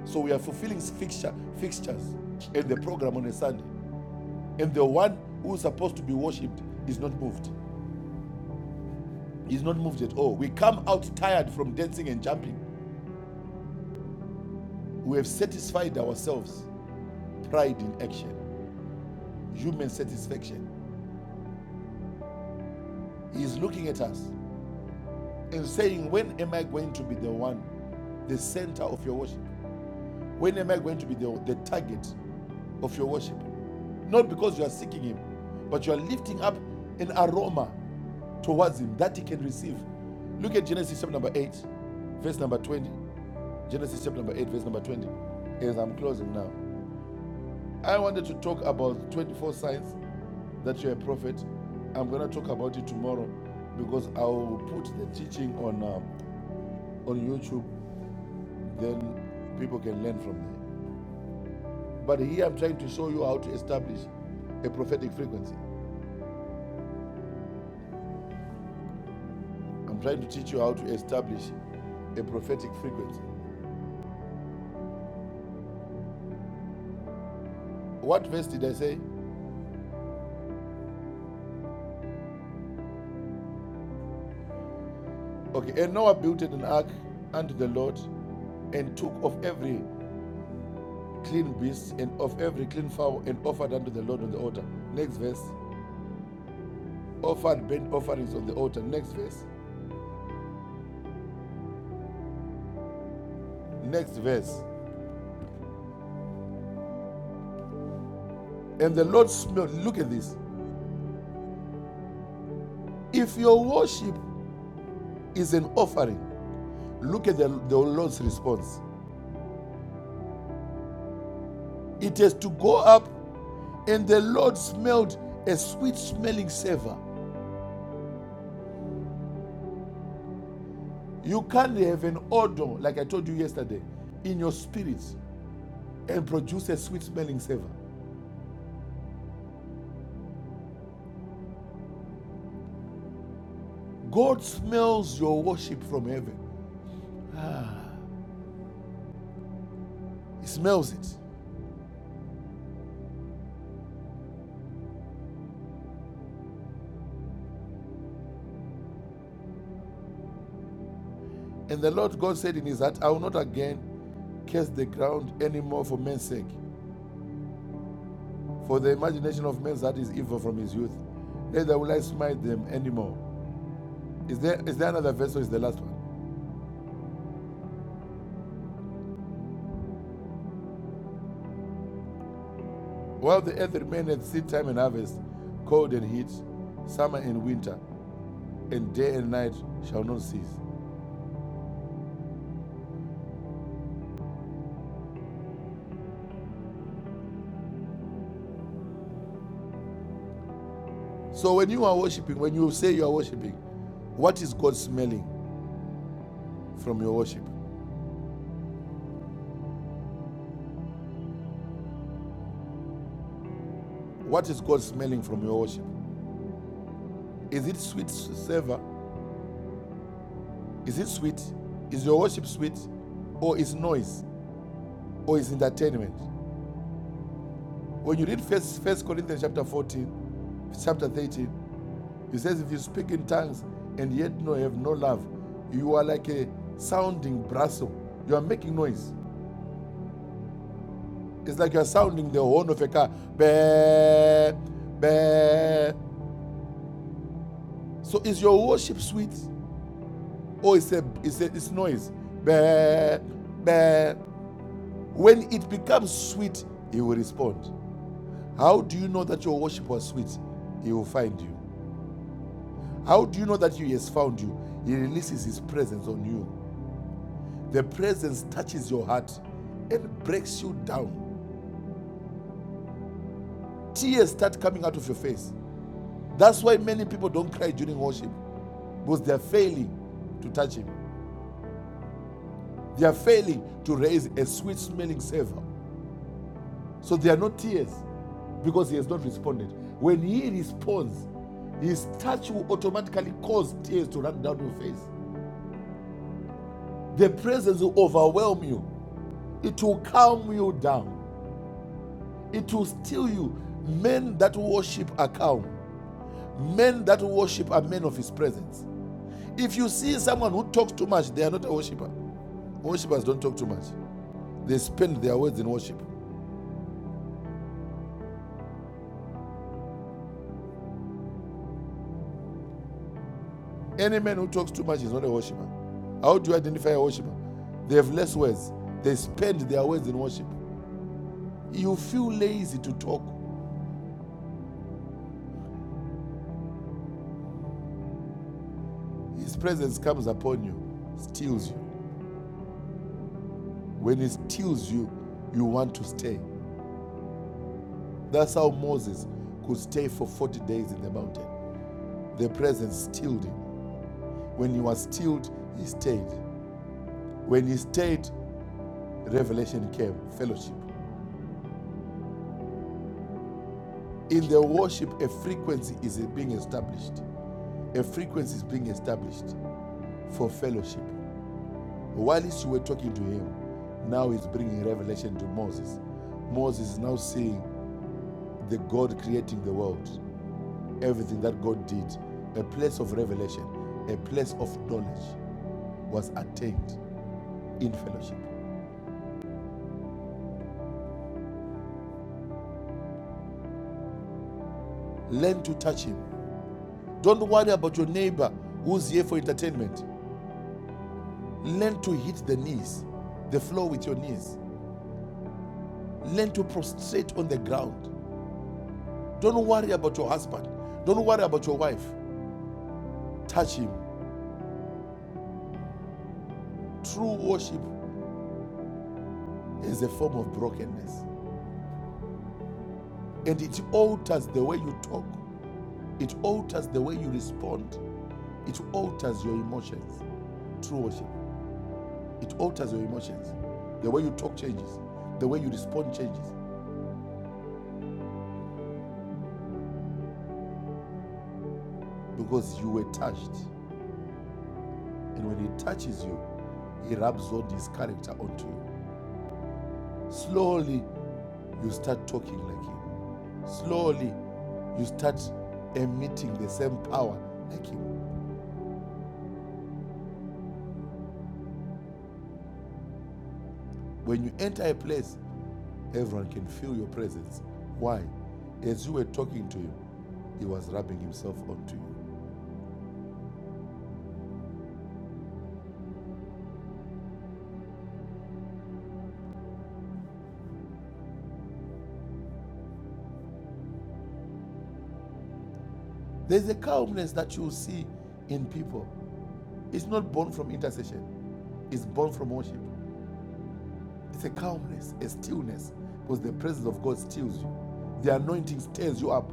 B: So we are fulfilling fixture, fixtures and the program on a Sunday. And the one who is supposed to be worshipped is not moved. He's not moved at all. We come out tired from dancing and jumping. We have satisfied ourselves. Pride in action, human satisfaction He is looking at us and saying, When am I going to be the one, the center of your worship? When am I going to be the, the target of your worship? Not because you are seeking Him, but you are lifting up an aroma towards Him that He can receive. Look at Genesis chapter number 8, verse number 20. Genesis chapter number 8, verse number 20. As I'm closing now, I wanted to talk about 24 signs that you're a prophet. I'm going to talk about it tomorrow because I'll put the teaching on. Um, on YouTube, then people can learn from there. But here I'm trying to show you how to establish a prophetic frequency. I'm trying to teach you how to establish a prophetic frequency. What verse did I say? Okay, and Noah built an ark unto the Lord and took of every clean beast and of every clean fowl and offered unto the Lord on the altar. Next verse. Offered burnt offerings on the altar. Next verse. Next verse. And the Lord smelled. Look at this. If your worship is an offering, Look at the, the Lord's response. It has to go up, and the Lord smelled a sweet smelling savor. You can't have an odor, like I told you yesterday, in your spirit and produce a sweet smelling savor. God smells your worship from heaven, He smells it. And the Lord God said in His heart, I will not again curse the ground anymore for men's sake. For the imagination of men's heart is evil from his youth. Neither will I smite them anymore. Is there is there another verse or is the last one? While the earth remained at seed time and harvest, cold and heat, summer and winter, and day and night shall not cease. So when you are worshiping, when you say you are worshiping, what is God smelling from your worship? What is God smelling from your worship? Is it sweet savor? Is it sweet? Is your worship sweet? Or is noise? Or is entertainment? When you read first Corinthians chapter 14, chapter 13, He says, if you speak in tongues and yet no have no love, you are like a sounding brasso. You are making noise. It's like you are sounding the horn of a car. Bah, bah. So is your worship sweet or is a, it's, a, it's noise? Bah, bah. When it becomes sweet, he will respond. How do you know that your worship was sweet? He will find you. How do you know that he has found you? He releases his presence on you. The presence touches your heart and breaks you down. Tears start coming out of your face. That's why many people don't cry during worship because they're failing to touch Him. They are failing to raise a sweet smelling savor. So there are no tears because He has not responded. When He responds, His touch will automatically cause tears to run down your face. The presence will overwhelm you, it will calm you down, it will still you. Men that worship are calm Men that worship are men of his presence. If you see someone who talks too much, they are not a worshiper. Worshippers don't talk too much, they spend their words in worship. Any man who talks too much is not a worshiper. How do you identify a worshiper? They have less words, they spend their words in worship. You feel lazy to talk. His presence comes upon you, steals you. When he steals you, you want to stay. That's how Moses could stay for 40 days in the mountain. The presence stilled him. When he was stilled, he stayed. When he stayed, revelation came, fellowship. In the worship, a frequency is being established. A frequency is being established for fellowship. Whilst you were talking to him, now he's bringing revelation to Moses. Moses is now seeing the God creating the world, everything that God did, a place of revelation, a place of knowledge was attained in fellowship. Learn to touch him Don't worry about your neighbor who's here for entertainment. Learn to hit the knees, the floor with your knees. Learn to prostrate on the ground. Don't worry about your husband. Don't worry about your wife. Touch him. True worship is a form of brokenness. And it alters the way you talk, it alters the way you respond, it alters your emotions. True worship. It alters your emotions. The way you talk changes, the way you respond changes because you were touched And when He touches you, He rubs all His character onto you. Slowly, you start talking like Him. Slowly, you start emitting the same power like Him. When you enter a place, everyone can feel your presence. Why? As you were talking to Him, He was rubbing Himself onto you. There's a calmness that you see in people. It's not born from intercession, it's born from worship. It's a calmness, a stillness, because the presence of God stills you. The anointing stirs you up,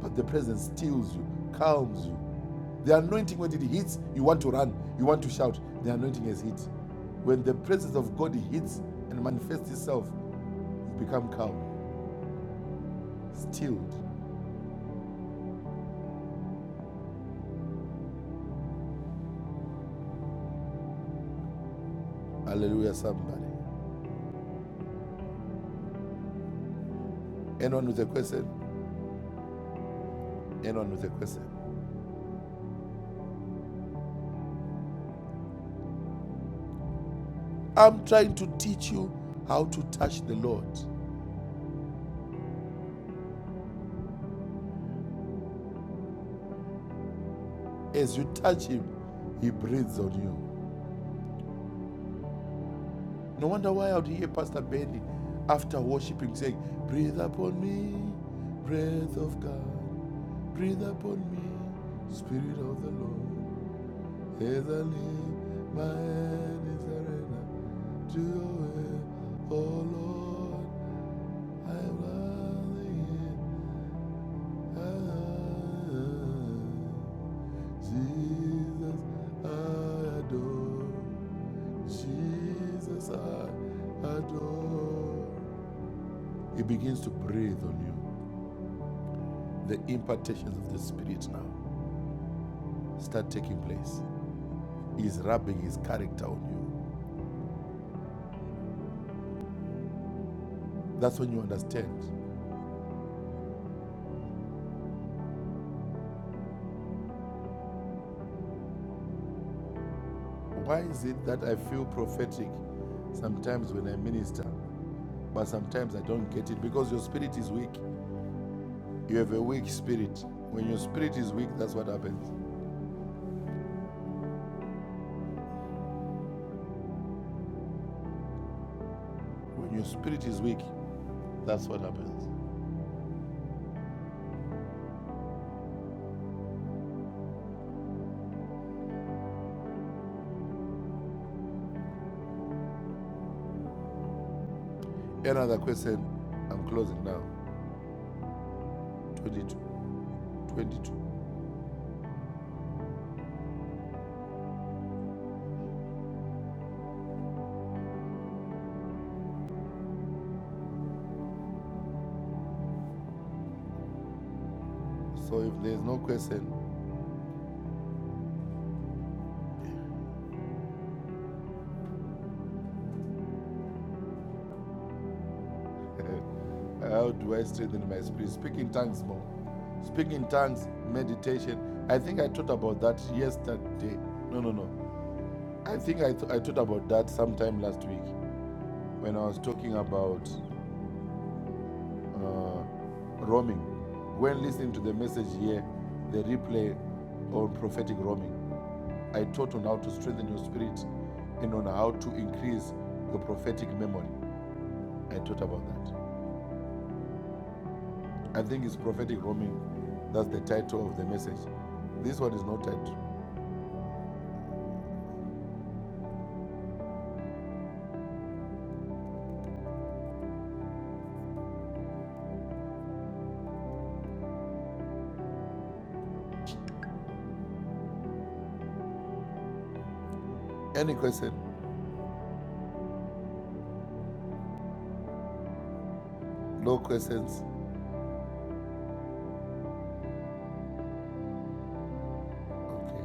B: but the presence stills you, calms you. The anointing, when it hits, you want to run, you want to shout. The anointing has hit. When the presence of God hits and manifests itself, you become calm, stilled. Hallelujah, somebody. Anyone with a question? Anyone with a question? I'm trying to teach you how to touch the Lord. As you touch Him, He breathes on you. No wonder why I would hear Pastor Benny after worshiping saying, Breathe upon me, breath of God, breathe upon me, Spirit of the Lord. As I live, my hand is surrendered to your will. Oh Lord, I am running Jesus, I adore. Jesus, I adore. He begins to breathe on you. The impartations of the Spirit now start taking place. He's rubbing His character on you. That's when you understand. Why is it that I feel prophetic sometimes when I minister, but sometimes I don't get it? Because your spirit is weak. You have a weak spirit. When your spirit is weak, that's what happens. When your spirit is weak, that's what happens. Another question. I'm closing now. 22. 22. So if there's no question, how do I strengthen my spirit? Speak in tongues more. Speak in tongues, meditation. I think I taught about that yesterday. No, no, no. I think I, th- I taught about that sometime last week when I was talking about uh, roaming. When listening to the message here, the replay on prophetic roaming, I taught on how to strengthen your spirit and on how to increase your prophetic memory. I taught about that. I think it's prophetic roaming. That's the title of the message. This one is not titled. Any question? No questions. Okay.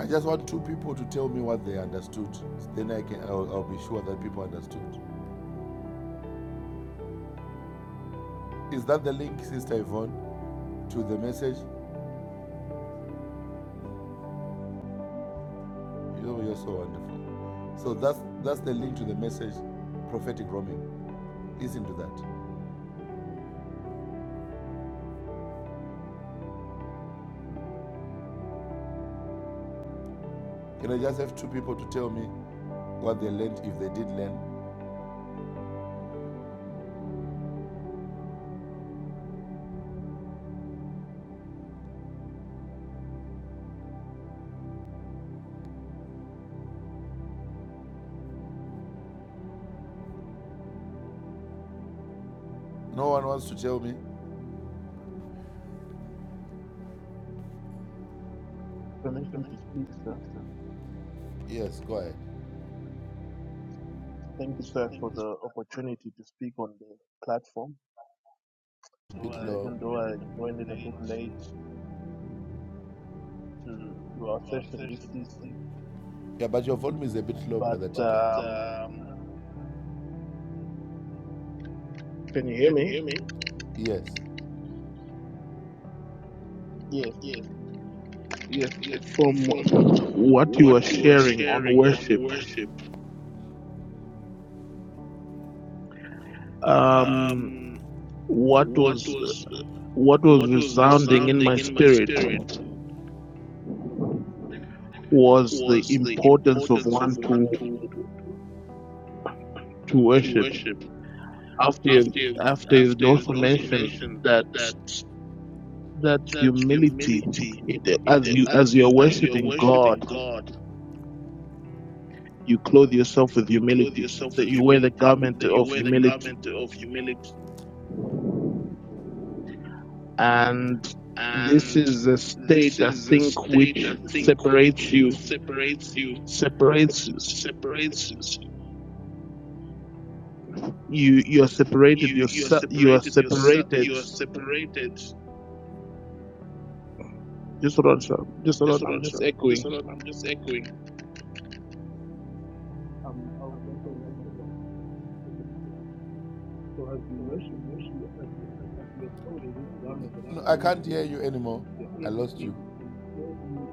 B: I just want two people to tell me what they understood. Then I can. I'll, I'll be sure that people understood. Is that the link, Sister Yvonne, to the message? You, know, you're so wonderful. So that's that's the link to the message, prophetic roaming. Listen to that. Can I just have two people to tell me what they learned if they did learn? No one wants to tell me.
E: permission to
B: Galatians
E: speak, sir.
B: 6 and Yes, go ahead.
E: Thank you, sir, for
B: things
E: the opportunity to speak on the platform.
B: Bit were
E: Uh,
B: low.
E: even though
B: when in
E: I joined in
B: a
E: a
B: good
E: bit
B: place
E: late to, to our
B: to our
E: session this
B: session this
E: evening,
B: evening. Yeah, but your volume is a bit low,
E: but
B: brother TK.
E: um,
B: But um,
E: can you hear
B: can you
E: me?
B: hear me? Yes.
E: Yes,
B: Yes,
E: yes.
B: yes.
E: From
B: From
E: what you were
B: what you were
E: sharing on
B: sharing
E: worship,
B: on worship,
E: um,
B: um,
E: what
B: what
E: was
B: was
E: what was
B: what was
E: resounding in my
B: resounding in my
E: spirit
B: spirit
E: was the
B: was the
E: importance of
B: importance of
E: one to
B: one to
E: to
B: to
E: worship.
B: worship.
E: After you,
B: After
E: after you
B: after you
E: also
B: also
E: mentioned
B: mentioned
E: that.
B: that
E: that
B: that
E: humility
B: humility,
E: it, as
B: it,
E: you as
B: as
E: you are
B: you as you're
E: worshiping God,
B: worshiping God,
E: you clothe yourself with
B: you clothe
E: humility.
B: yourself
E: That
B: with
E: you wear the
B: humility.
E: garment
B: That you
E: of
B: wear the
E: humility,
B: garment of humility,
E: and this
B: and
E: is a
B: this
E: state I
B: is a
E: think
B: state I
E: which
B: think
E: separates
B: which
E: you,
B: separates you
E: separates
B: separates
E: you. You are separated.
B: you
E: You
B: you are
E: you are
B: separated yourself
E: separated.
B: you are separated
E: Just hold on, sir. Just hold
B: Just
E: on.
B: hold
E: I'm
B: on,
E: just
B: sir. Just
E: echoing.
B: hold on. I'm just echoing.
E: Um, I was echoing on my echo. So as you worship, as you as you are clothed with this garment of
B: No, I
E: humility,
B: can't hear you anymore.
E: you're
B: I
E: able
B: lost
E: to
B: you.
E: to clearly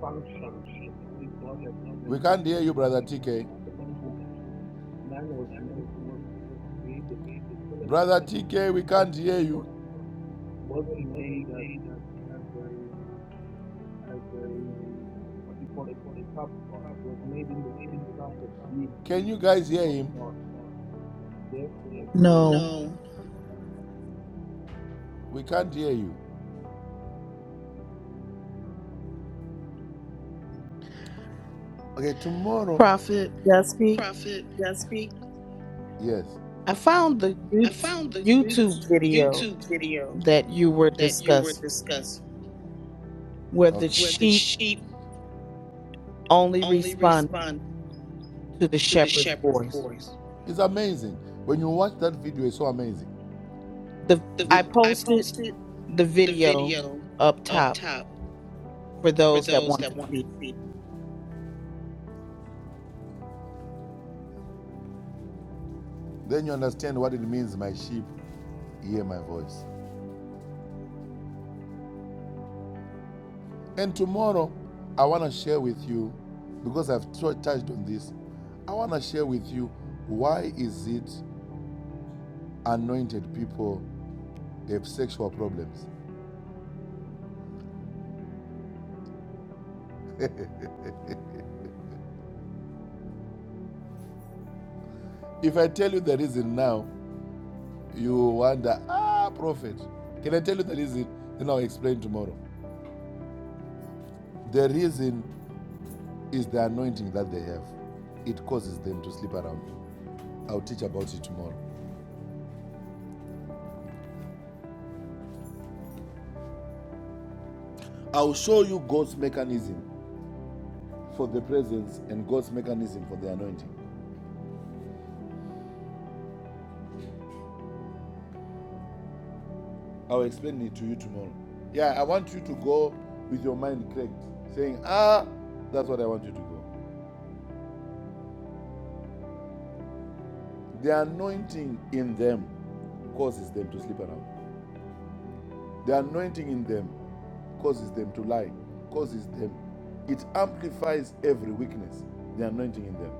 E: function, the way God has
B: We
E: created
B: can't
E: this
B: hear you, brother
E: function. You
B: TK.
E: know, what I mentioned, man was made, was, was created to fellowship
B: Brother
E: with,
B: TK,
E: to
B: we can't
E: fellowship
B: hear
E: with
B: you.
E: God. Wasn't made as, as a, as a, what do you call it, sub God. Was made in the same class of being
B: Can you guys hear
E: of
B: him?
E: God. And therefore, he was
A: No.
B: No. We can't hear you. Okay, tomorrow.
A: Prophet, yes, speak.
B: Prophet, yes, speak. Yes.
A: I found the
B: I
A: Yout-
B: found the
A: YouTube video
B: YouTube video
A: that you were
B: that you were
A: discussing
B: discussing
A: where the
B: Okay. where the
A: sheep
B: sheep
A: only
B: only
A: respond
B: respond
A: to the
B: to the
A: shepherd's
B: shepherd's
A: voice.
B: voice. It's amazing. When you watch that video, it's so amazing.
A: The
B: The,
A: I
B: The- I
A: posted
B: posted
A: the
B: the
A: video
B: video
A: up
B: up
A: top
B: top
A: for
B: for
A: those that
B: those
A: want
B: that
A: to
B: want to
A: see.
B: see. Then you understand what it means, my sheep hear my voice. And tomorrow, I want to share with you, because I've touched on this, I want to share with you why is it anointed people have sexual problems. If I tell you the reason now, you wonder, ah, prophet. Can I tell you the reason? Then I'll explain tomorrow. The reason is the anointing that they have. It causes them to sleep around. I'll teach about it tomorrow. I'll show you God's mechanism for the presence and God's mechanism for the anointing. I'll explain it to you tomorrow. Yeah, I want you to go with your mind cracked, saying, Ah, that's what I want you to go. The anointing in them causes them to sleep around. The anointing in them causes them to lie, causes them. It amplifies every weakness, the anointing in them.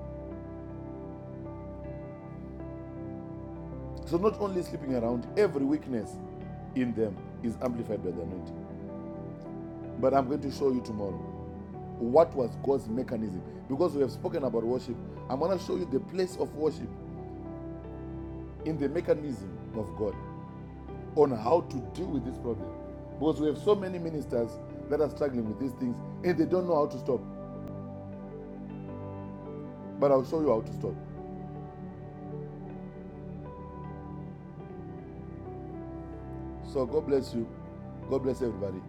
B: So not only sleeping around, every weakness in them is amplified by the anointing. But I'm going to show you tomorrow what was God's mechanism. Because we have spoken about worship, I'm going to show you the place of worship in the mechanism of God on how to deal with this problem. Because we have so many ministers that are struggling with these things and they don't know how to stop. But I'll show you how to stop. So God bless you. God bless everybody.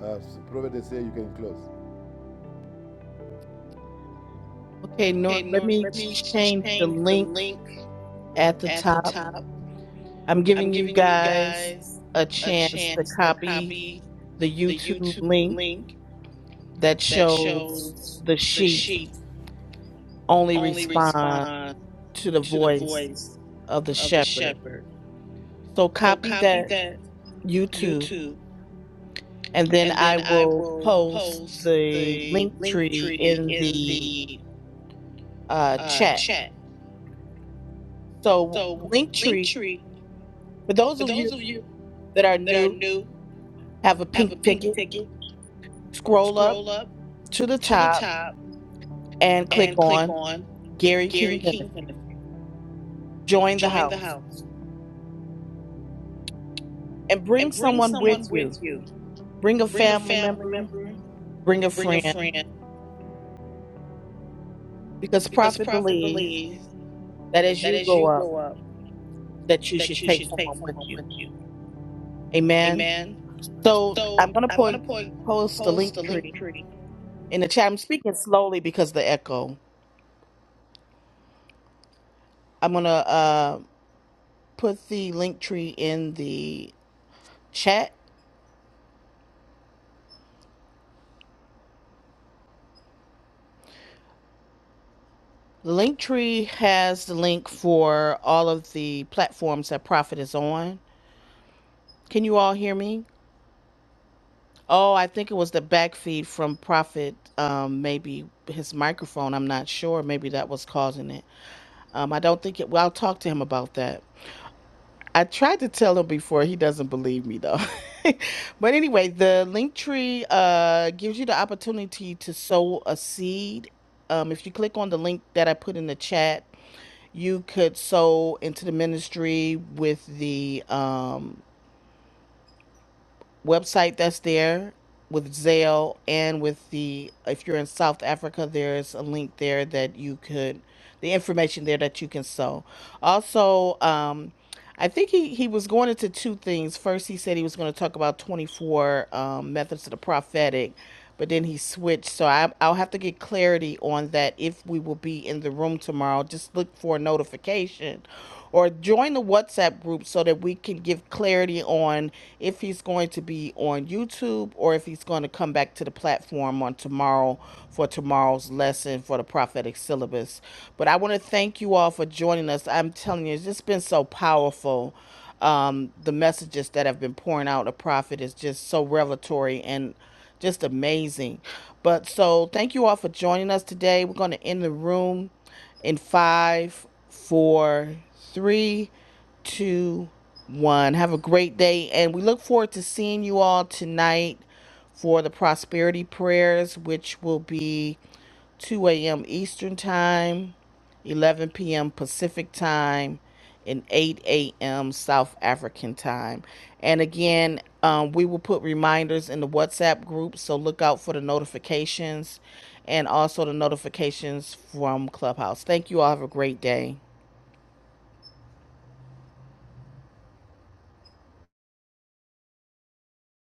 B: Uh, Prophet, they say you can close.
A: Okay,
B: Okay,
A: Nor, let
B: Norm,
A: me
B: let me
A: change the
B: change the
A: link
B: link
A: at the
B: at the
A: top.
B: top.
A: I'm
B: I'm
A: giving you
B: giving you
A: guys
B: guys
A: a
B: a
A: chance to
B: chance to
A: copy
B: copy
A: the
B: the
A: YouTube
B: YouTube
A: link
B: link
A: that
B: that
A: shows
B: shows
A: the
B: the
A: sheep
B: sheep
A: only
B: only
A: respond
B: respond
A: to the
B: to the
A: voice
B: voice
A: of the
B: of the
A: shepherd.
B: shepherd.
A: So
B: So
A: copy
B: copy
A: that
B: that
A: YouTube,
B: YouTube,
A: and then
B: and
A: I
B: then I
A: will
B: will
A: post
B: post
A: the
B: the
A: link
B: link
A: tree
B: tree
A: in
B: in
A: the
B: the
A: uh,
B: uh,
A: chat.
B: chat.
A: So the
B: So
A: link
B: link
A: tree,
B: tree
A: for those
B: for
A: of
B: those
A: you
B: of you
A: that are
B: that are
A: new,
B: new,
A: have a
B: have a
A: pink
B: pink
A: ticket
B: ticket.
A: Scroll up
B: Scroll up
A: to the
B: to the
A: top
B: top
A: and click
B: and click
A: on
B: on
A: Gary
B: Gary
A: King
B: King.
A: Ministry.
B: Ministries.
A: Join the
B: Join the
A: house
B: house
A: and bring
B: and bring
A: someone
B: someone
A: with you.
B: with you.
A: Bring a
B: Bring a
A: family
B: family
A: member,
B: member,
A: bring a
B: bring a
A: friend,
B: friend,
A: because
B: because
A: Prophet
B: Prophet
A: believes
B: believes
A: that as
B: that
A: you
B: as
A: grow
B: you
A: up,
B: grow up,
A: that you
B: that
A: should
B: you
A: take
B: should take
A: someone with
B: someone
A: you.
B: with you.
A: Amen.
B: Amen.
A: So I'm
B: So
A: gonna
B: I'm gonna
A: po- post the
B: post
A: link
B: the link
A: tree
B: tree
A: in the chat. I'm speaking slowly because of the echo. I'm gonna uh, put the link tree in the chat The link tree has the link for all of the platforms that Prophet is on. Can you all hear me? Oh, I think it was the back feed from Prophet. um, maybe his microphone. I'm not sure. Maybe that was causing it. Um, I don't think it. Well, I'll talk to him about that. I tried to tell him before. He doesn't believe me though. but anyway, the link tree uh, gives you the opportunity to sow a seed. Um, if you click on the link that I put in the chat, you could sow into the ministry with the um, website that's there with Zelle and with the if you're in South Africa there's a link there that you could the information there that you can sow. Also um, I think he, he was going into two things. First he said he was going to talk about 24 um, methods of the prophetic but then he switched. So I, I'll have to get clarity on that if we will be in the room tomorrow. Just look for a notification or join the WhatsApp group so that we can give clarity on if he's going to be on YouTube or if he's going to come back to the platform on tomorrow for tomorrow's lesson for the prophetic syllabus. But I want to thank you all for joining us. I'm telling you, it's just been so powerful um, the messages that have been pouring out of prophet is just so revelatory and just amazing. But so thank you all for joining us today. We're going to end the room in five, four, three, two, one. Have a great day, and we look forward to seeing you all tonight for the prosperity prayers, which will be 2 a.m. Eastern Time, 11 p.m. Pacific Time, and 8 a.m. South African Time. And again, um, we will put reminders in the WhatsApp group, so look out for the notifications and also the notifications from Clubhouse. Thank you all. Have a great day.